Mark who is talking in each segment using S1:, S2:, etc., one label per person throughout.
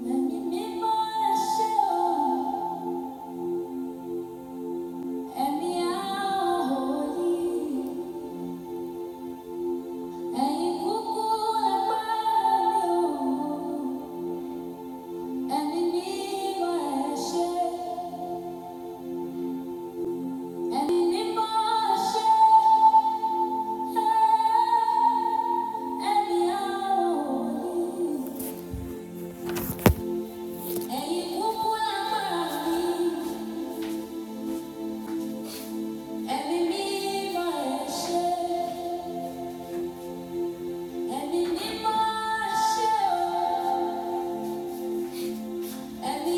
S1: Thank you. Thank you.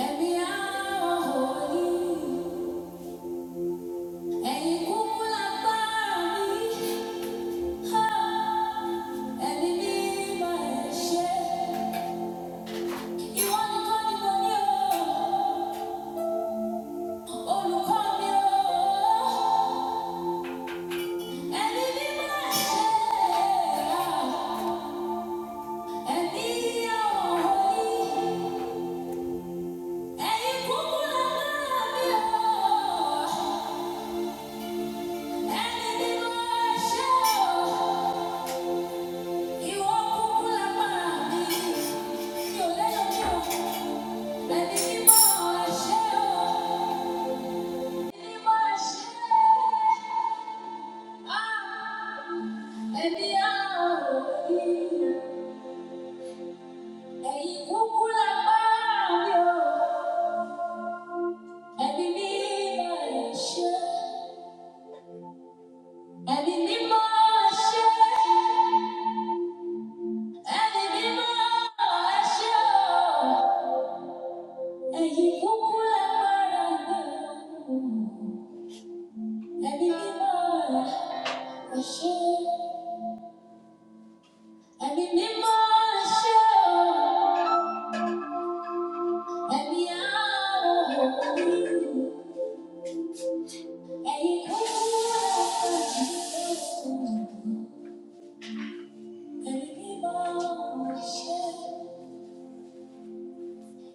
S1: Oh Ẹni ní máa ṣe, ẹni ní máa ṣe.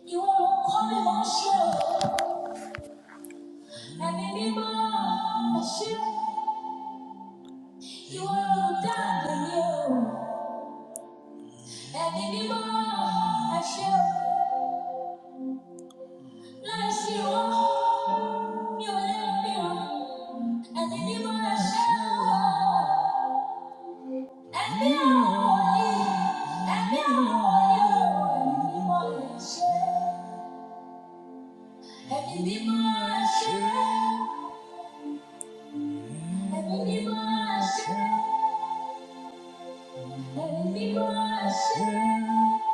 S1: You are a calling, Marshall. And anymore, Marshall. You are done you, and anymore I shall bless you all. You and you, and anymore I shall. And me only, and me only, and anymore I shall, and anymore I shall, and anymore I shall, and anymore I shall,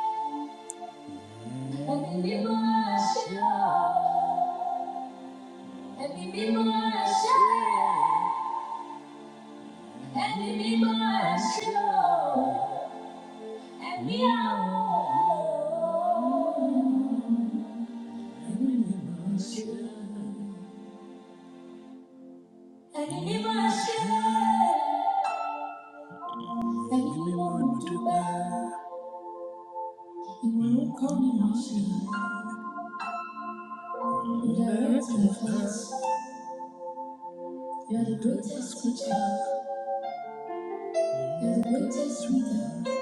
S1: and anymore I shall. Happy people are sure. Happy people are sure. Happy are sure. Happy people are sure. Everyone to buy. You will come in our shell. You are the of us. You are the greatest creature. You are the greatest reader.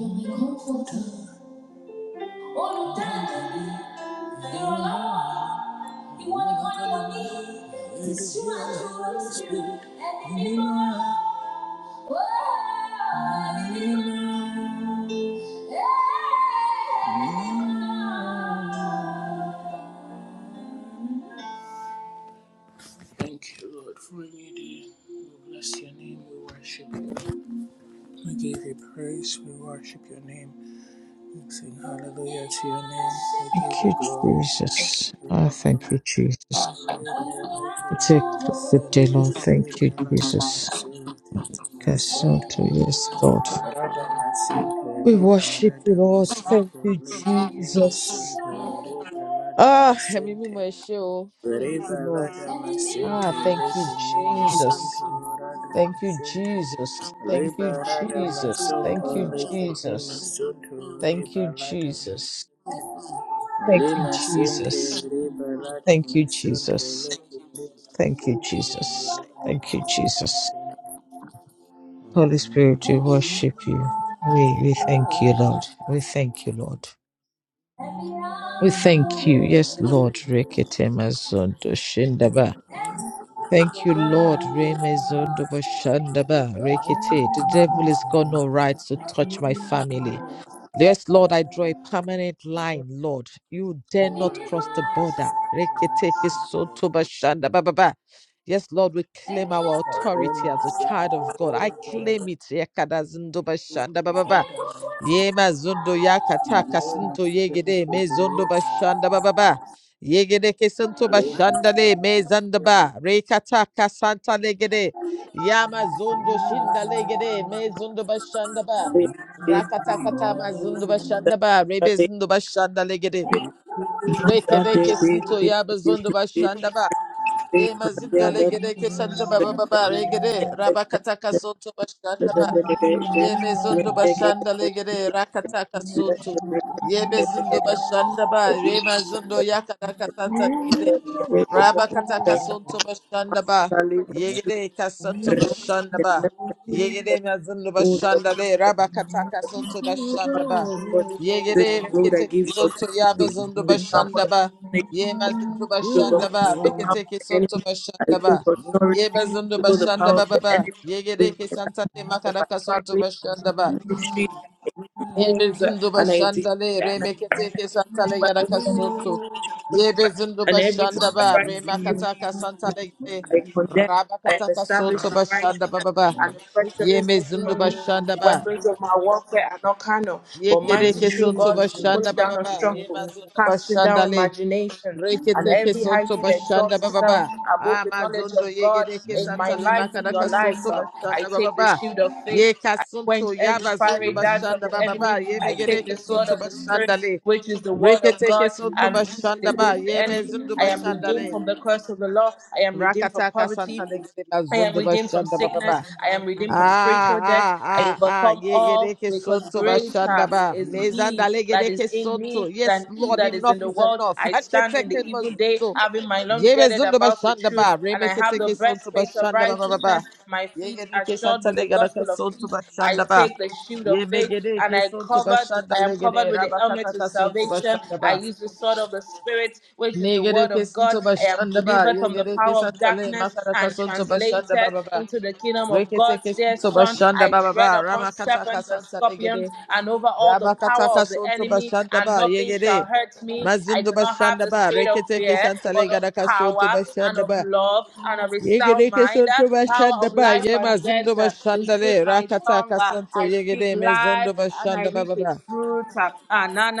S1: You are my comforter. Oh, you done it. You're alone. You want to go on your knees. It's you and you, it's you and anymore. Oh, anymore. Yeah. Thank you, Lord, for a new day. We bless your name. We worship you. We give you praise. We worship your name. We sing hallelujah to your name. We give
S2: Thank
S1: you
S2: you,
S1: glory.
S2: Jesus. Ah,
S1: Liberada
S2: thank you,
S1: masonto, leke
S2: Jesus. It's a good day, Lord. Thank you, Jesus. Casanto, yes, Lord. We worship you, Lord. Thank you, Jesus. Ah, ẹ̀mí mímọ́ ẹ ṣé o. Thank you, Lord. Ah, thank you, Jesus. Thank you, Jesus. Thank you, Jesus. Thank you,
S1: me
S2: Jesus.
S1: masonto,
S2: Thank you,
S1: ribalada
S2: Jesus. Thank you,
S1: Lima sente
S2: Jesus.
S1: riba lado
S2: Thank you,
S1: masunto
S2: Jesus.
S1: leke
S2: Thank you,
S1: Lima
S2: Jesus. Thank you,
S1: sente riba lado masunto
S2: Jesus. Holy
S1: Lima
S2: Spirit, we
S1: sente
S2: worship you. We we thank you, Lord. We thank you, Lord. We thank you. Yes, Lord. Rekete mazondo Thank you, Lord. Reme zondo ba shanda ba rekete. The devil is got no rights to touch my family. Yes, Lord, I draw a permanent line, Lord. You dare not cross the border. Rekete ke soto ba shanda ba ba ba. Yes, Lord, we claim our authority as a child of God. I claim it. Yakada zindo ba shanda ba ba ba. Yema zondo yakata kasinto yegede me zondo ba shanda ba ba ba. Yegede kesanto bashandale mezandaba rekata kasanta legede yama zondo shinda legede mezondo bashandaba
S3: Thank
S2: rakata kata mazondo bashandaba rebe zondo bashanda legede rekede kesanto yaba zondo Ye mazindo legede keshanta baba baba regede rabakataka soto bashanda ba. Ye mezondo bashanda legede rakataka soto. Ye bezindo bashanda ba re mazondo yakadaka santa legede. Rabakataka soto bashanda ba. Yegede kasanto bashanda ba. Yegede mazindo bashanda le
S3: you.
S2: rabakataka
S3: This
S2: soto bashanda ba.
S3: is
S2: Yegede
S3: the road I
S2: rekete
S3: give you
S2: soto
S3: authority
S2: yabazondo
S3: to trample
S2: bashanda
S3: on
S2: ba.
S3: snakes,
S2: Ye mazundu
S3: to
S1: riba
S2: bashanda
S3: overcome
S1: lado
S2: ba,
S3: the
S1: masunto
S3: power of
S2: rekete ke
S3: the
S2: sonto
S3: enemy. I
S2: bashanda
S3: take
S2: ba. Ye
S3: authority
S2: bazundu
S3: over the
S2: bashanda
S3: power of
S2: ba ba
S3: the
S2: ba.
S3: enemy
S2: Ye
S3: in
S2: gere ke
S3: my
S2: santa
S3: life,
S2: le
S3: in
S2: makaraka
S3: my
S2: sonto
S3: family,
S2: bashanda
S3: in
S2: ba.
S3: my ministry
S2: Ye
S3: homes uh,
S2: bezundu
S3: and I declare
S2: bashanda le,
S3: and I
S2: remekete
S3: declare
S2: ke santa
S3: no
S2: le
S1: Oh,
S3: weapon
S2: garaka
S3: formed against me
S2: sonto.
S3: shall
S2: Ye
S3: prosper.
S2: bezundu
S3: And every tongue
S2: bashanda
S3: that
S2: ba,
S3: rises against me
S2: remakataka
S3: in
S2: santa
S3: judgment,
S2: le gere.
S3: I condemn. I am
S2: Rabakataka
S3: established
S2: sonto
S3: in
S2: bashanda ba
S3: righteousness
S2: ba ba.
S3: and affection
S2: Ye
S3: is far
S2: mezundu
S3: from me.
S2: bashanda
S3: The
S2: ba.
S3: weapons of my warfare are not carnal,
S2: Ye
S3: but
S2: gere
S3: mighty
S2: ke
S3: true
S2: sonto
S3: God to the pulling
S2: bashanda ba
S3: down
S2: ba
S3: of
S2: ba. Ye
S3: strongholds
S2: mazundu
S3: casting down
S2: bashanda le.
S3: imagination and
S2: Reketeke
S3: every high
S2: sonto
S3: thing that
S2: bashanda
S3: exalts itself
S2: bababa.
S3: above the knowledge
S2: Amazondo
S3: of God
S2: yegereke
S3: in my
S2: santale
S3: life, in your
S2: makanaka
S3: life.
S2: sonto
S3: Uh, I
S2: bashanda
S3: take the
S2: bababa.
S3: shield of faith.
S2: Ye
S3: I quench
S2: kasunto
S3: every
S2: yaba
S3: fiery
S2: zondo
S3: dart of
S2: bashanda
S3: the enemy.
S2: bababa. Ye
S3: I take the
S2: megereke
S3: sword
S2: sonto
S3: of the Spirit,
S2: bashanda le.
S3: which is the word of
S2: Reketeke
S3: God,
S2: sonto
S3: and use
S2: bashanda
S3: it
S2: ba.
S3: against the
S2: Ye
S3: enemy.
S2: mezundo
S3: I am
S2: bashanda
S3: redeemed
S2: le.
S3: from the curse of the law. I am redeemed from
S2: Rakataka
S3: poverty.
S2: santale gede
S3: I am
S2: bazondo
S3: redeemed from
S2: bashanda
S3: sickness.
S2: bababa.
S3: I am redeemed from
S2: Ah
S3: spiritual death.
S2: ah
S3: I
S2: ah ah
S3: overcome all
S2: yegereke
S3: because
S2: sonto bashanda
S3: greater
S2: ba
S3: is He
S2: mezanda
S3: that is
S2: legereke
S3: in
S2: sonto
S3: me
S2: yes
S3: than He
S2: lord
S3: that is in
S2: enough
S3: the
S2: is
S3: world.
S2: enough
S3: I stand in the
S2: haketeke
S3: evil day,
S2: mazundo
S3: having my lungs
S2: Yebe
S3: girded
S2: zundo
S3: about with
S2: bashanda
S3: truth,
S2: ba
S3: and I
S2: remeke
S3: have the
S2: teke sonto
S3: breastplate of
S2: bashanda ba ba ba ba.
S3: righteousness. My feet
S2: Yege
S3: are
S2: deke
S3: shod
S2: santa
S3: with the
S2: lega ka
S3: gospel of
S2: sonto
S3: peace. I
S2: bashanda ba.
S3: take the shield of
S2: Yebe
S3: faith,
S2: gede
S3: and
S2: ke
S3: I
S2: sonto
S3: covered.
S2: bashanda
S3: I am covered
S2: legede
S3: with the
S2: rabaka
S3: helmet of
S2: ka sonto
S3: salvation.
S2: bashanda
S3: I
S2: ba.
S3: use the sword of the spirit, which is the
S2: Nege
S3: word
S2: deke
S3: of God.
S2: sonto
S3: I am
S2: bashanda ba.
S3: delivered from
S2: Yege
S3: the
S2: deke
S3: power of
S2: santa le
S3: darkness
S2: makara ka
S3: and
S2: sonto bashanda ba
S3: translated
S2: ba ba.
S3: into the kingdom of
S2: Reke
S3: God's
S2: teke
S3: dear
S2: sonto
S3: Son.
S2: bashanda
S3: I
S2: ba ba
S3: tread
S2: ba.
S3: upon
S2: Ramaka ka
S3: serpents and
S2: santa
S3: scorpions
S2: legede
S3: and over all the
S2: rabaka
S3: power
S2: ka
S3: of the
S2: sonto
S3: enemy,
S2: bashanda
S3: and
S2: ba.
S3: nothing
S2: Yege
S3: shall
S2: de.
S3: hurt me. I
S2: Mazundo
S3: do not have
S2: bashanda
S3: the
S2: ba.
S3: spirit of
S2: Reke teke
S3: fear,
S2: santa
S3: but
S2: lega
S3: of
S2: ka sonto
S3: power and
S2: bashanda
S3: of
S2: ba.
S3: love and of a sound
S2: Yegereke
S3: mind. Uh,
S2: sonto
S3: Power
S2: bashanda
S3: of
S2: ba
S3: life
S2: ye
S3: and
S2: mazindo
S3: death uh, is
S2: bashanda
S3: in
S2: le
S3: my
S2: rakata
S3: tongue. Uh,
S2: kasonto
S3: I speak
S2: yegere me
S3: life
S2: zondo
S3: and I
S2: bashanda ba
S3: reap
S2: ba ba
S3: its fruits. Uh,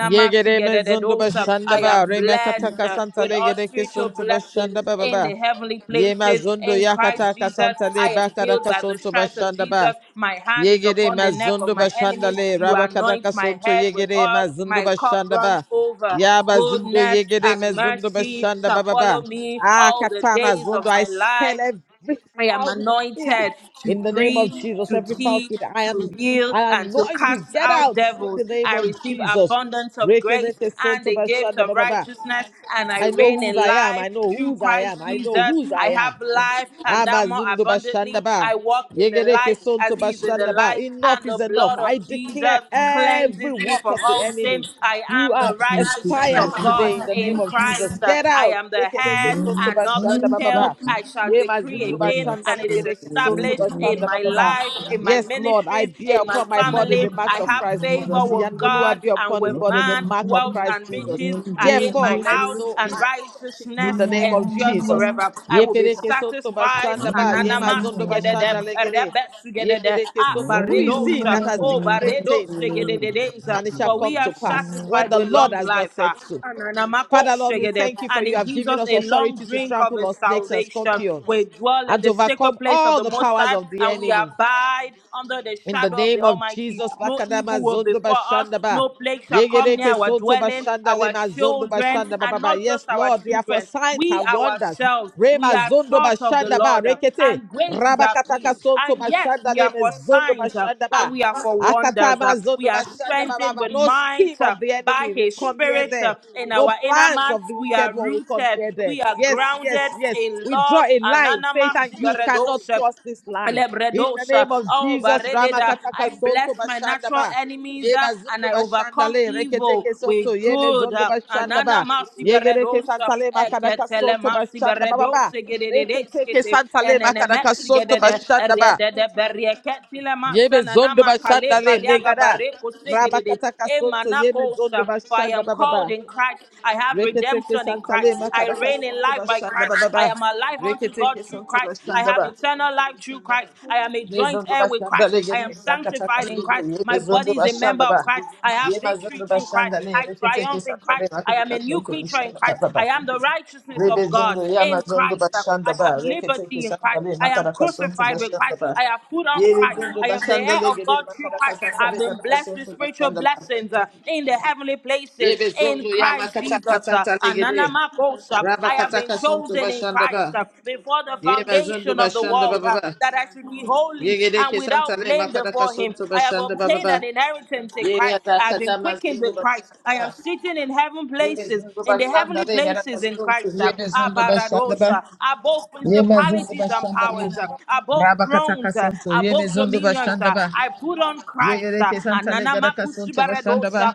S2: yegere me zondo bashanda
S3: I
S2: ba
S3: am
S2: re makata
S3: blessed uh,
S2: kasanta
S3: with
S2: le
S3: all
S2: gereke
S3: spiritual
S2: sonto
S3: blessings
S2: bashanda ba ba
S3: in
S2: ba
S3: the heavenly
S2: ye
S3: places
S2: mazondo
S3: in
S2: yakata
S3: Christ Jesus.
S2: kasanta le
S3: I am
S2: bakara
S3: healed by the
S2: kasonto
S3: stripes of
S2: bashanda ba
S3: Jesus. My hand is
S2: Yegere
S3: upon the neck of
S2: mazundu
S3: my enemies.
S2: bashandale
S3: You
S2: rabakataka
S3: anoint my
S2: sonto
S3: head with
S2: yegere
S3: oil.
S2: mazundu
S3: My cup
S2: bashanda
S3: runs
S2: ba
S3: over.
S2: yaba zindu
S3: Goodness
S2: yegere
S3: and
S2: mazundu
S3: mercy
S2: bashanda
S3: shall
S2: ba ba
S3: follow
S2: ba
S3: me
S2: ah
S3: all the
S2: kata
S3: days of
S2: mazundu I
S3: my
S2: spell
S3: life.
S2: every
S3: I am
S2: foul spirit
S3: anointed to
S2: in the name of
S3: preach,
S2: Jesus
S3: to
S2: every foul
S3: teach,
S2: spirit I
S3: to
S2: am
S3: heal,
S2: I
S3: and to
S2: anoint
S3: cast
S2: you get
S3: out
S2: out in the
S3: devils.
S2: name
S3: I
S2: of
S3: receive
S2: Jesus
S3: abundance of
S2: reke
S3: grace
S2: reke
S3: and
S2: sonto
S3: the gift
S2: bashanda
S3: of
S2: ba ba ba
S3: righteousness, and I
S2: I know
S3: reign
S2: whose
S3: in
S2: I am
S3: life
S2: I know
S3: through
S2: whose I
S3: Christ
S2: am I
S3: Jesus.
S2: know whose I
S3: I
S2: am
S3: have life and that more
S2: Abazundo
S3: abundantly.
S2: Bashandaba.
S3: I walk in the
S2: Yegereke
S3: light
S2: Sonto
S3: as He is in the
S2: Bashandaba.
S3: light,
S2: Enough
S3: and the
S2: is enough.
S3: blood
S2: I
S3: of Jesus
S2: declare every
S3: cleanses me
S2: work
S3: from
S2: of the
S3: all sin.
S2: enemy.
S3: I
S2: You
S3: am
S2: are
S3: the righteousness
S2: expired
S3: of God
S2: today in the
S3: in
S2: name of Jesus.
S3: Christ.
S2: Get
S3: I
S2: out.
S3: am the
S2: Yegereke
S3: head
S2: Sonto
S3: and not the the
S2: Bashandaba
S3: tail.
S2: Baba.
S3: I shall
S2: Ye
S3: decree
S2: Mazundo
S3: a thing,
S2: Bashanda
S3: and it is
S2: Legereke Sonto
S3: established in my
S2: Bashandaba Baba.
S3: life, in my
S2: Yes, Lord, I
S3: ministries,
S2: bear
S3: in my
S2: upon my body the
S3: family.
S2: marks
S3: I
S2: of
S3: have
S2: Christ
S3: favor
S2: Jesus.
S3: with God
S2: Yanolua bear
S3: and
S2: upon his
S3: with
S2: body the
S3: man.
S2: mark of
S3: Wealth
S2: Christ
S3: and
S2: Jesus.
S3: riches are in my
S2: Therefore, let
S3: house,
S2: no
S3: and
S2: hand touch him in
S3: righteousness
S2: the name of
S3: endures
S2: Jesus.
S3: forever. I will be
S2: Yekereke sonto
S3: satisfied.
S2: bashanda ba
S3: Ananama
S2: yemazondo
S3: sigedede,
S2: bashanda legere.
S3: rebe sigedede,
S2: Yekereke
S3: ah,
S2: sonto. Who is he
S3: baredosa,
S2: that has
S3: oh,
S2: decreed,
S3: baredo
S2: thing
S3: sigedededeza.
S2: and it shall
S3: For we
S2: come
S3: are
S2: to pass when
S3: satisfied
S2: the
S3: with
S2: Lord
S3: long
S2: has not
S3: life.
S2: said
S3: ah.
S2: so?
S3: Ananamako
S2: Father Lord, we
S3: sigede
S2: thank you for
S3: and He
S2: you have
S3: gives
S2: given
S3: us
S2: us
S3: a long
S2: authority to
S3: drink of
S2: trample
S3: His
S2: on snakes and
S3: salvation.
S2: scorpions
S3: We dwell
S2: and
S3: in
S2: to
S3: the sacred
S2: overcome
S3: place of
S2: all
S3: the
S2: the
S3: Most
S2: powers
S3: High,
S2: of the
S3: and we
S2: enemy.
S3: abide under the
S2: In the
S3: shadow of the
S2: name of
S3: Almighty.
S2: Jesus,
S3: No
S2: Lakadama
S3: evil will
S2: Zondo
S3: befall us,
S2: Bashandaba.
S3: no plague shall come near
S2: Yegereke
S3: our
S2: Soto
S3: dwelling,
S2: Bashanda
S3: our
S2: Lema Zondo
S3: children,
S2: Bashanda
S3: and
S2: Baba.
S3: not
S2: Yes,
S3: just our
S2: Lord, they are for
S3: children.
S2: signs
S3: We
S2: and wonders.
S3: ourselves, we
S2: Rema
S3: are
S2: Zondo
S3: taught of the
S2: Bashanda Ba
S3: Lord, uh,
S2: Rekete.
S3: and great is our
S2: Rabakataka
S3: peace.
S2: Soto
S3: And yes,
S2: Bashanda
S3: we are
S2: Lema
S3: for
S2: Zondo
S3: signs, uh,
S2: Bashanda
S3: and
S2: Ba.
S3: we are for wonders.
S2: Akatama
S3: uh, We
S2: Zondo
S3: are
S2: Bashanda
S3: strengthened
S2: Baba.
S3: with
S2: No scheme
S3: might. uh,
S2: of the
S3: by
S2: enemy will
S3: His
S2: come near
S3: Spirit uh,
S2: them.
S3: in
S2: No
S3: our inner
S2: plans
S3: man.
S2: of the
S3: We are
S2: wicked one will come
S3: rooted,
S2: near them.
S3: we are
S2: Yes, yes,
S3: grounded
S2: yes.
S3: in
S2: We draw
S3: love.
S2: a line.
S3: Ananama
S2: Satan, you cannot
S3: sigaredos.
S2: cross this line. In the
S3: Lebredosa,
S2: name of
S3: oh
S2: Jesus,
S3: Barededa,
S2: Ramakataka
S3: I
S2: Sonto
S3: bless my natural
S2: Bashandaba.
S3: enemies uh,
S2: Yeba
S3: and
S2: Zindu
S3: I overcome
S2: Bashandale,
S3: evil
S2: Reketeke Sonto,
S3: with
S2: Yeme
S3: good.
S2: Zondo
S3: uh, Anana
S2: Bashandaba.
S3: masi
S2: Yegereke
S3: beredosa,
S2: Santale Makadaka
S3: eketele
S2: Sonto
S3: masi
S2: Bashandaba
S3: beredosa, gededede
S2: Reketeke
S3: skete,
S2: Santale
S3: enene
S2: Makadaka
S3: mesi
S2: Sonto
S3: gedede,
S2: Bashandaba.
S3: eriedede berieketile masa,
S2: Yeme Zondo
S3: nanama kale
S2: Bashandale,
S3: kaliaga
S2: Megada.
S3: sigididi,
S2: Rabakataka Sonto, Yeme Zondo
S3: emanakosa. For I am
S2: Bashandaba
S3: called
S2: Baba.
S3: in Christ. I have
S2: Reketeke
S3: redemption in
S2: Santale
S3: Christ. I
S2: Makadaka
S3: reign in
S2: Sonto
S3: life by
S2: Bashandaba
S3: Christ. I
S2: Baba.
S3: am alive unto God
S2: Reketeke
S3: through
S2: Sonto
S3: Christ. I have
S2: Bashandaba.
S3: eternal life through Christ. I am a joint
S2: Mezonzo
S3: heir with
S2: bashanda
S3: Christ. I am
S2: legere rakataka
S3: sanctified in
S2: sunto
S3: Christ.
S2: Ye
S3: My
S2: zonzo
S3: body is a member
S2: bashanda ba.
S3: of Christ. I have
S2: ye
S3: victory
S2: zonzo
S3: through Christ.
S2: bashanda le
S3: I
S2: rekete ke
S3: triumph in
S2: santa le
S3: Christ. I am
S2: rakataka
S3: a new
S2: sunto
S3: creature in
S2: bashanda ba
S3: Christ.
S2: ba
S3: I
S2: ba.
S3: am the righteousness
S2: Rebe
S3: of God
S2: ya yama
S3: in
S2: zonzo
S3: Christ.
S2: bashanda
S3: I have
S2: ba rekete ke
S3: liberty in
S2: santa
S3: Christ.
S2: le
S3: I am
S2: makaraka sunto
S3: crucified with
S2: bashanda
S3: Christ.
S2: ba.
S3: I have put on
S2: Yebe
S3: Christ.
S2: zonzo
S3: I am the
S2: bashanda
S3: heir of of
S2: legere
S3: God through
S2: makaraka
S3: Christ
S2: santa
S3: have
S2: le
S3: been
S2: rakataka
S3: blessed with
S2: sunto
S3: spiritual
S2: bashanda ba.
S3: blessings uh, in the heavenly places
S2: Ye
S3: in
S2: zonzo ya
S3: Christ Jesus.
S2: kataka
S3: uh,
S2: santa legere
S3: Ananamakosa. I have been
S2: rabakataka sunto
S3: chosen in
S2: bashanda
S3: Christ
S2: ba.
S3: uh, before the
S2: Ye zonzo
S3: foundation of the
S2: bashanda ba
S3: world
S2: ba
S3: uh,
S2: ba.
S3: that I should be holy
S2: ye
S3: and
S2: ke santa
S3: without
S2: le
S3: blame
S2: makaraka
S3: before Him.
S2: sunto
S3: I have
S2: bashanda ba ba
S3: obtained
S2: ba.
S3: an inheritance in Christ. I have been quickened
S2: Yerakatamazindu
S3: with Christ. I
S2: bashanda.
S3: am sitting in heaven places,
S2: Yemezindu
S3: in the
S2: bashanda
S3: heavenly
S2: re
S3: places in
S2: yarakasontu.
S3: Christ. uh,
S2: Yemezindu bashanda ba.
S3: Abaradosa. Above
S2: Yemezindu
S3: principalities and
S2: bashanda re.
S3: powers, uh, above thrones, uh, dominions,
S2: Rabakatakasontu.
S3: uh, above
S2: Yemezindu
S3: dominions.
S2: bashanda
S3: uh,
S2: ba.
S3: I put on Christ. uh,
S2: Yegereke santa le garakasontu bashanda ba.
S3: Ananamakusibaredosa,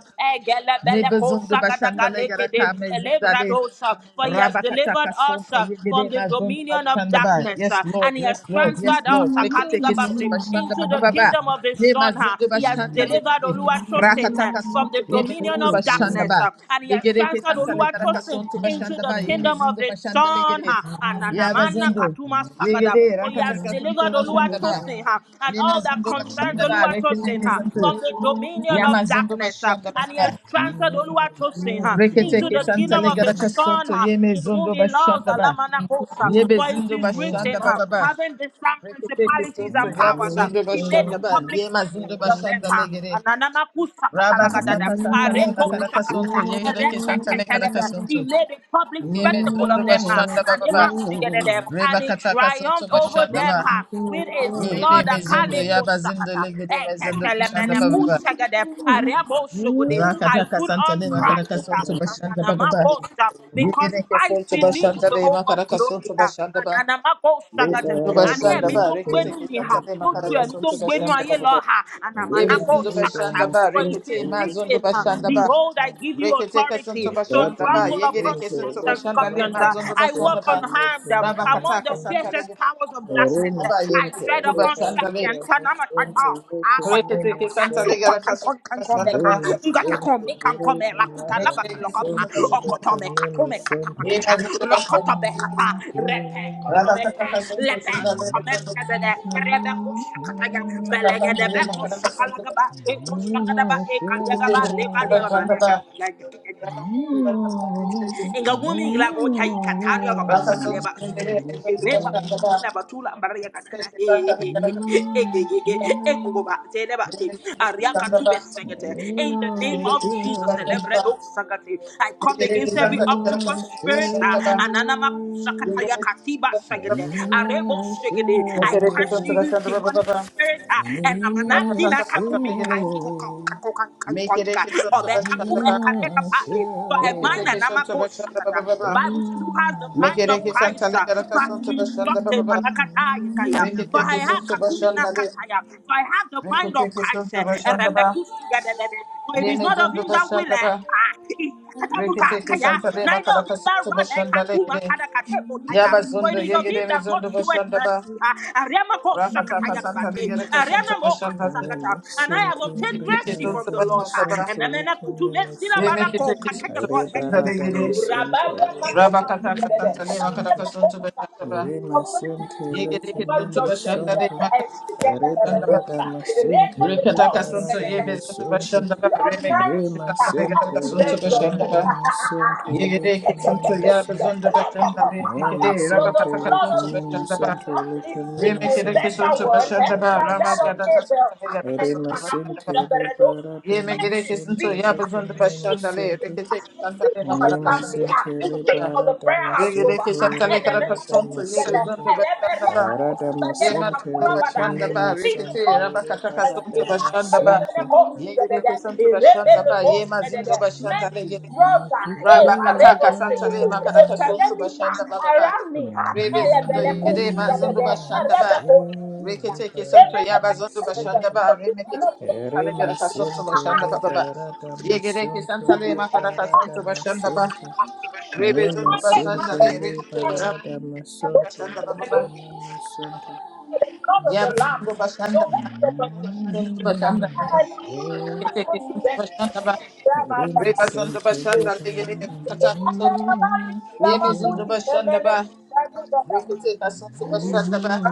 S2: Mebezindu bashanda le
S3: Egelebelekosagadagalekede,
S2: garaka mezinda
S3: Elebradosa, For he has delivered
S2: Rabakataka
S3: us
S2: sonto
S3: uh, from
S2: yegede
S3: the
S2: na zondo
S3: dominion of
S2: bashanda ba.
S3: darkness uh,
S2: Yes, Lord.
S3: and he has
S2: Yes, Lord. Yes,
S3: transferred us
S2: Lord. Reketeke sonto
S3: Akaligabase,
S2: bashanda ba
S3: into
S2: ba
S3: the
S2: ba ba.
S3: kingdom of his
S2: Ye
S3: son. uh,
S2: mazundo
S3: He has
S2: bashanda
S3: delivered
S2: legede.
S3: Oluwatosin uh,
S2: Rakataka
S3: from the
S2: sonto ye
S3: dominion
S2: mezundo
S3: of
S2: bashanda
S3: darkness
S2: ba.
S3: uh, and he has
S2: Yegede ke
S3: transferred
S2: santa legaraka
S3: Oluwatosin
S2: sonto
S3: into
S2: bashanda
S3: the
S2: ba. Ye
S3: kingdom of
S2: mezundo
S3: his
S2: bashanda
S3: son.
S2: legede.
S3: uh,
S2: Ya
S3: Ananamana
S2: bazondo.
S3: Katuma uh,
S2: Yegede
S3: For he has
S2: rakataka sonto
S3: delivered
S2: bashanda ba.
S3: Oluwatosin ha, and
S2: Ye
S3: all that
S2: mazundo
S3: concerns
S2: bashanda ba.
S3: Oluwatosin
S2: Reketeke
S3: ha,
S2: sonto.
S3: from the dominion
S2: Ya
S3: of
S2: mazundo
S3: darkness. ha,
S2: bashanda ba
S3: And
S2: ba
S3: he has
S2: ba.
S3: transferred Oluwatosin ha, into
S2: Reketeke
S3: the
S2: santa
S3: kingdom of his
S2: legaraka
S3: son
S2: sonto
S3: ha,
S2: ye
S3: in whom
S2: mezundo
S3: he loves.
S2: bashanda ba.
S3: Alamanakosa.
S2: Yebe
S3: For it
S2: zindo
S3: is
S2: bashanda
S3: written, ha,
S2: baba ba.
S3: having disarmed
S2: Reketeke
S3: principalities
S2: soto
S3: and
S2: yabe
S3: powers, ha,
S2: zondo
S3: he made a
S2: bashanda ba.
S3: public
S2: Yema zindo
S3: spectacle of them.
S2: bashanda
S3: ha.
S2: legere.
S3: Ananamakusa
S2: Raba
S3: katalagadada,
S2: kataka santale makaraka sonto.
S3: arekosakatada,
S2: Yegereke santale karaka
S3: erepeketelebe. He
S2: sonto.
S3: made a public
S2: Yeme
S3: spectacle
S2: zondo
S3: of them.
S2: bashanda baba
S3: ha
S2: ba.
S3: and
S2: Reba
S3: he
S2: kataka soto
S3: triumphed over
S2: bashanda
S3: them
S2: ba.
S3: ha, with his
S2: Yegere
S3: blood. a
S2: mezondo
S3: kaliko
S2: yaba zindo
S3: sakata,
S2: legere mezondo bashanda baba
S3: eketelemeneku
S2: ba.
S3: segede,
S1: Thank
S3: arebo sugode. I
S2: Rakataka
S3: put on
S2: santale makaraka
S3: Christ ha,
S2: sonto bashanda
S3: and
S2: baba ba.
S3: anamako sa, because
S2: Yegereke
S3: Christ
S2: sonto
S3: in me is
S2: bashanda
S3: the
S2: le
S3: hope of
S2: makaraka
S3: glory.
S2: sonto
S3: ah.
S2: bashanda ba.
S3: Anamako sagata.
S2: Yebezindo
S3: Àní
S2: bashanda
S3: ẹ̀mí tó
S2: ba
S3: ń
S2: rekete
S3: gbénú
S2: ke
S3: mi hà.
S2: santa le
S3: Ó ju
S2: makara ka
S3: ẹ̀mí tó
S2: santo
S3: ń gbénú
S2: bashanda
S3: ayé
S2: ba ba
S3: lọ
S2: ba.
S3: hà. Anamanako
S2: Yebezindo
S3: sagata.
S2: bashanda ba
S3: For it is
S2: rekete ma zondo
S3: written, uh,
S2: bashanda ba.
S3: Behold, I give you
S2: Rekete ke
S3: authority
S2: santo
S3: to
S2: bashanda ba
S3: trample
S2: yegere
S3: upon
S2: ke santo
S3: snakes and
S2: bashanda le
S3: scorpions.
S2: ma
S3: Uh,
S2: zondo
S3: I walk
S2: bashanda
S3: on
S2: ba.
S3: hand uh,
S2: Raba
S3: among
S2: kata
S3: the
S2: ka santa le
S3: fiercest
S2: gere ke
S3: powers of
S2: santo
S3: darkness.
S2: bashanda
S3: Uh,
S2: ba
S3: I tread
S2: yebezindo
S3: upon
S2: bashanda le.
S3: serpents. Anamatako.
S2: Rekete ke santa le
S1: you.
S2: gara ka santo bashanda
S3: Ungakankonkankomeka,
S2: ba.
S1: Dema
S3: ungakankomeka,
S1: sunto reba rada
S2: Rekete ke santo
S1: masunto
S2: bashanda
S1: leke
S2: ba.
S1: memo sunto.
S2: Ye mazondo bashanda. ba. Raba kata ka santo singa le mazondo bashanda ba. Rakataka Santa
S3: Nga wumi ila go tai katali ya ba sakale ba sugede Ere ba kuta ila ba tula mbara ya kada He he he he. Ege ge ge. Ego go ba te le ba te. Aria katube segete. In the name of Jesus, celebrate those sagate. I come against every octopus spirit. ah, Ananama
S1: Sure.
S3: kusakata ya katiba
S1: Ale
S3: segede. Arebo segede. I curse you, you demonic spirit. ah, And I'm an akina kakumi kai
S2: Legere,
S3: koko kako
S2: Make it a
S3: kankankanka.
S2: kiss of
S3: Obe
S2: the
S3: kakube
S2: Shandaba,
S3: kanyeka patli. For a mind
S2: Rekete
S3: and
S2: santa
S3: amako
S2: bashanda baba
S3: sakata. The
S2: baba.
S3: Bible says, Who has the mind of
S2: Mekereke santa
S3: Christ?
S2: le
S3: ah, So
S2: karaka
S3: as
S2: santa
S3: to
S2: bashanda
S3: instruct
S2: baba
S3: him.
S2: baba.
S3: Manakataya kaya. For I
S2: Rekete
S3: have
S2: santa
S3: kakumi
S2: bashanda le.
S3: nakataya. For I have the mind of
S2: Rekete
S3: Christ.
S2: santa
S3: eh, and
S2: bashanda ba.
S3: Rebekah for it is
S2: Yeme
S3: not of
S2: zundu
S3: him that willeth,
S2: bashanda ba.
S3: ah, it- katamuka,
S2: Rekete
S3: kaya,
S2: santa le
S3: neither of
S2: makaraka
S3: him that
S2: santa
S3: runneth,
S2: bashanda le
S3: kakuma,
S2: gire.
S3: kada, kade, kotaya.
S2: Yaba
S3: for
S2: zundu
S3: it is of him
S2: yegire me
S3: that God
S2: zundu
S3: showeth
S2: bashanda ba.
S3: mercy. ah, arema ko
S2: Rakata ka
S3: sakataya
S2: santa le
S3: kabate,
S2: karaka santa
S3: arena mo ka
S2: bashanda le.
S3: sakata. And I have
S1: masonto,
S3: obtained
S1: riba
S2: Rekete
S3: mercy
S1: la
S3: from
S2: santa
S1: da
S3: the Lord.
S2: bashanda
S3: ah,
S2: ba.
S3: And
S1: masonto,
S3: then I
S1: leke
S3: put to
S1: me
S3: mercy,
S2: Yeme
S1: masonto,
S3: barako,
S2: kete
S3: kakata,
S2: santa
S3: go,
S1: riba
S2: bashanda
S1: la
S2: le
S3: kakata.
S2: gire.
S1: masonto,
S3: Rababa, kakata,
S1: riba
S2: Rabakata
S1: la
S2: ka santa le
S1: masonto.
S2: makaraka santa bashanda ba.
S1: Rima
S3: mercy,
S1: sente leke
S3: over
S2: Yegerekesonto
S1: mema
S2: bashandare
S1: sonto. Reba
S2: makarabashandaba.
S1: lada masente leba
S2: Rekatakasonto
S1: rada
S3: judgment.
S2: yebezonto
S1: masonto.
S2: bashandaba.
S3: The ordinary
S1: Rima
S3: uh,
S2: Rebekesantare
S3: I
S1: sente
S2: garakasonto
S3: deserve
S1: leba
S3: judgment.
S2: bashandaba.
S1: rada masonto leke
S2: Yegerekesonto
S1: mema
S2: yabezonto
S1: sonto.
S2: bashandare mekere
S1: Rima
S3: but the
S1: sente
S3: blood
S1: leke
S3: of
S2: rabakatakasonto
S1: mema
S3: Jesus
S2: bashandaba.
S1: sonto
S3: uh, it
S1: leke
S3: speaks
S1: mema
S3: a
S1: santa
S3: better
S2: Remekerekesonto
S3: word uh,
S1: laba
S2: bashandaba.
S3: than that of
S1: masente.
S3: Abel.
S2: Ramagadatasantare
S3: And
S1: Rima
S2: garakasonto bashandaba.
S3: Manakuta
S1: sente
S3: Beredo,
S1: leba
S3: mercy
S2: Yemegerekesonto
S1: masonto
S3: speaks.
S1: leke
S2: yabezonto
S1: mema
S3: It
S2: bashandale.
S1: sonto.
S2: Reketekesantare
S3: speaks for my
S1: Lima
S2: makarakasonto
S3: family. uh,
S1: sente
S3: It speaks
S2: bashandaba.
S3: for
S1: libara
S3: the prayer house global.
S1: damasunto
S3: uh,
S2: Regerekesantare
S3: And the
S1: ribala
S3: miracle
S2: karakasonto
S3: together.
S1: damasente
S2: yebezonto
S3: And the
S2: bashandaba.
S1: ara
S3: miracle together.
S1: damasente
S2: Yemazundo
S3: Kakura Bada.
S2: bashanda
S1: lekimi
S3: It
S2: ba
S3: Speaks for
S2: rekete
S3: all
S1: musunto
S3: the
S2: rabakata
S3: Thank
S1: ribala
S3: you.
S2: kasonto bashanda
S3: And
S2: ba
S3: the
S1: damasente
S3: miracle
S2: yegere
S3: together.
S2: kesonto
S3: It rebel
S2: bashanda
S3: the
S2: ba
S3: post
S2: yemazindo
S3: together.
S2: bashanda legere
S3: Droga, eh,
S2: rabakata
S1: kukura
S3: paredo
S2: kasanta
S3: segete,
S2: le makata
S3: eh,
S2: kasonto
S3: peremita,
S2: bashanda ba ba ba
S3: around me, ah,
S2: rebe zindo
S3: elebele
S2: yere
S3: consider the
S2: mazundo
S3: dead,
S2: bashanda
S3: erebe
S2: ba
S3: consider,
S2: rekete kesonto
S1: libara
S3: remene
S2: yabazondo
S3: consider,
S2: bashanda
S1: damasente
S3: for
S2: ba
S3: you
S2: remekete
S3: cannot go
S2: kesale gara
S1: Rima
S2: kasonto
S1: sente
S2: bashanda ba ba ba
S1: liberata
S2: yegere
S1: masunto
S2: kesanta le
S3: to
S2: makata
S1: liberata
S2: kasonto bashanda ba
S1: masente
S2: rebe
S1: Rima
S2: zindo bashanda
S1: sente
S2: le rekete rabakata
S1: liberata masunto
S2: bashanda ba ba
S3: the
S2: ba
S1: lekene masunto
S3: the blood of the
S2: Yaba
S3: Lamb,
S2: zungu
S3: the
S2: bashanda ba.
S3: words of my mouth,
S2: Zungu
S3: and I
S2: bashanda.
S3: don't
S2: Rekete
S3: want to
S2: zungu
S3: them.
S2: bashanda ba.
S3: The blood
S1: Rima
S2: Reba zungu
S1: sente
S2: bashanda
S1: liberata
S2: legede. Tata zungu. Yeme zungu bashanda ba. Rekete zungu bashanda ba.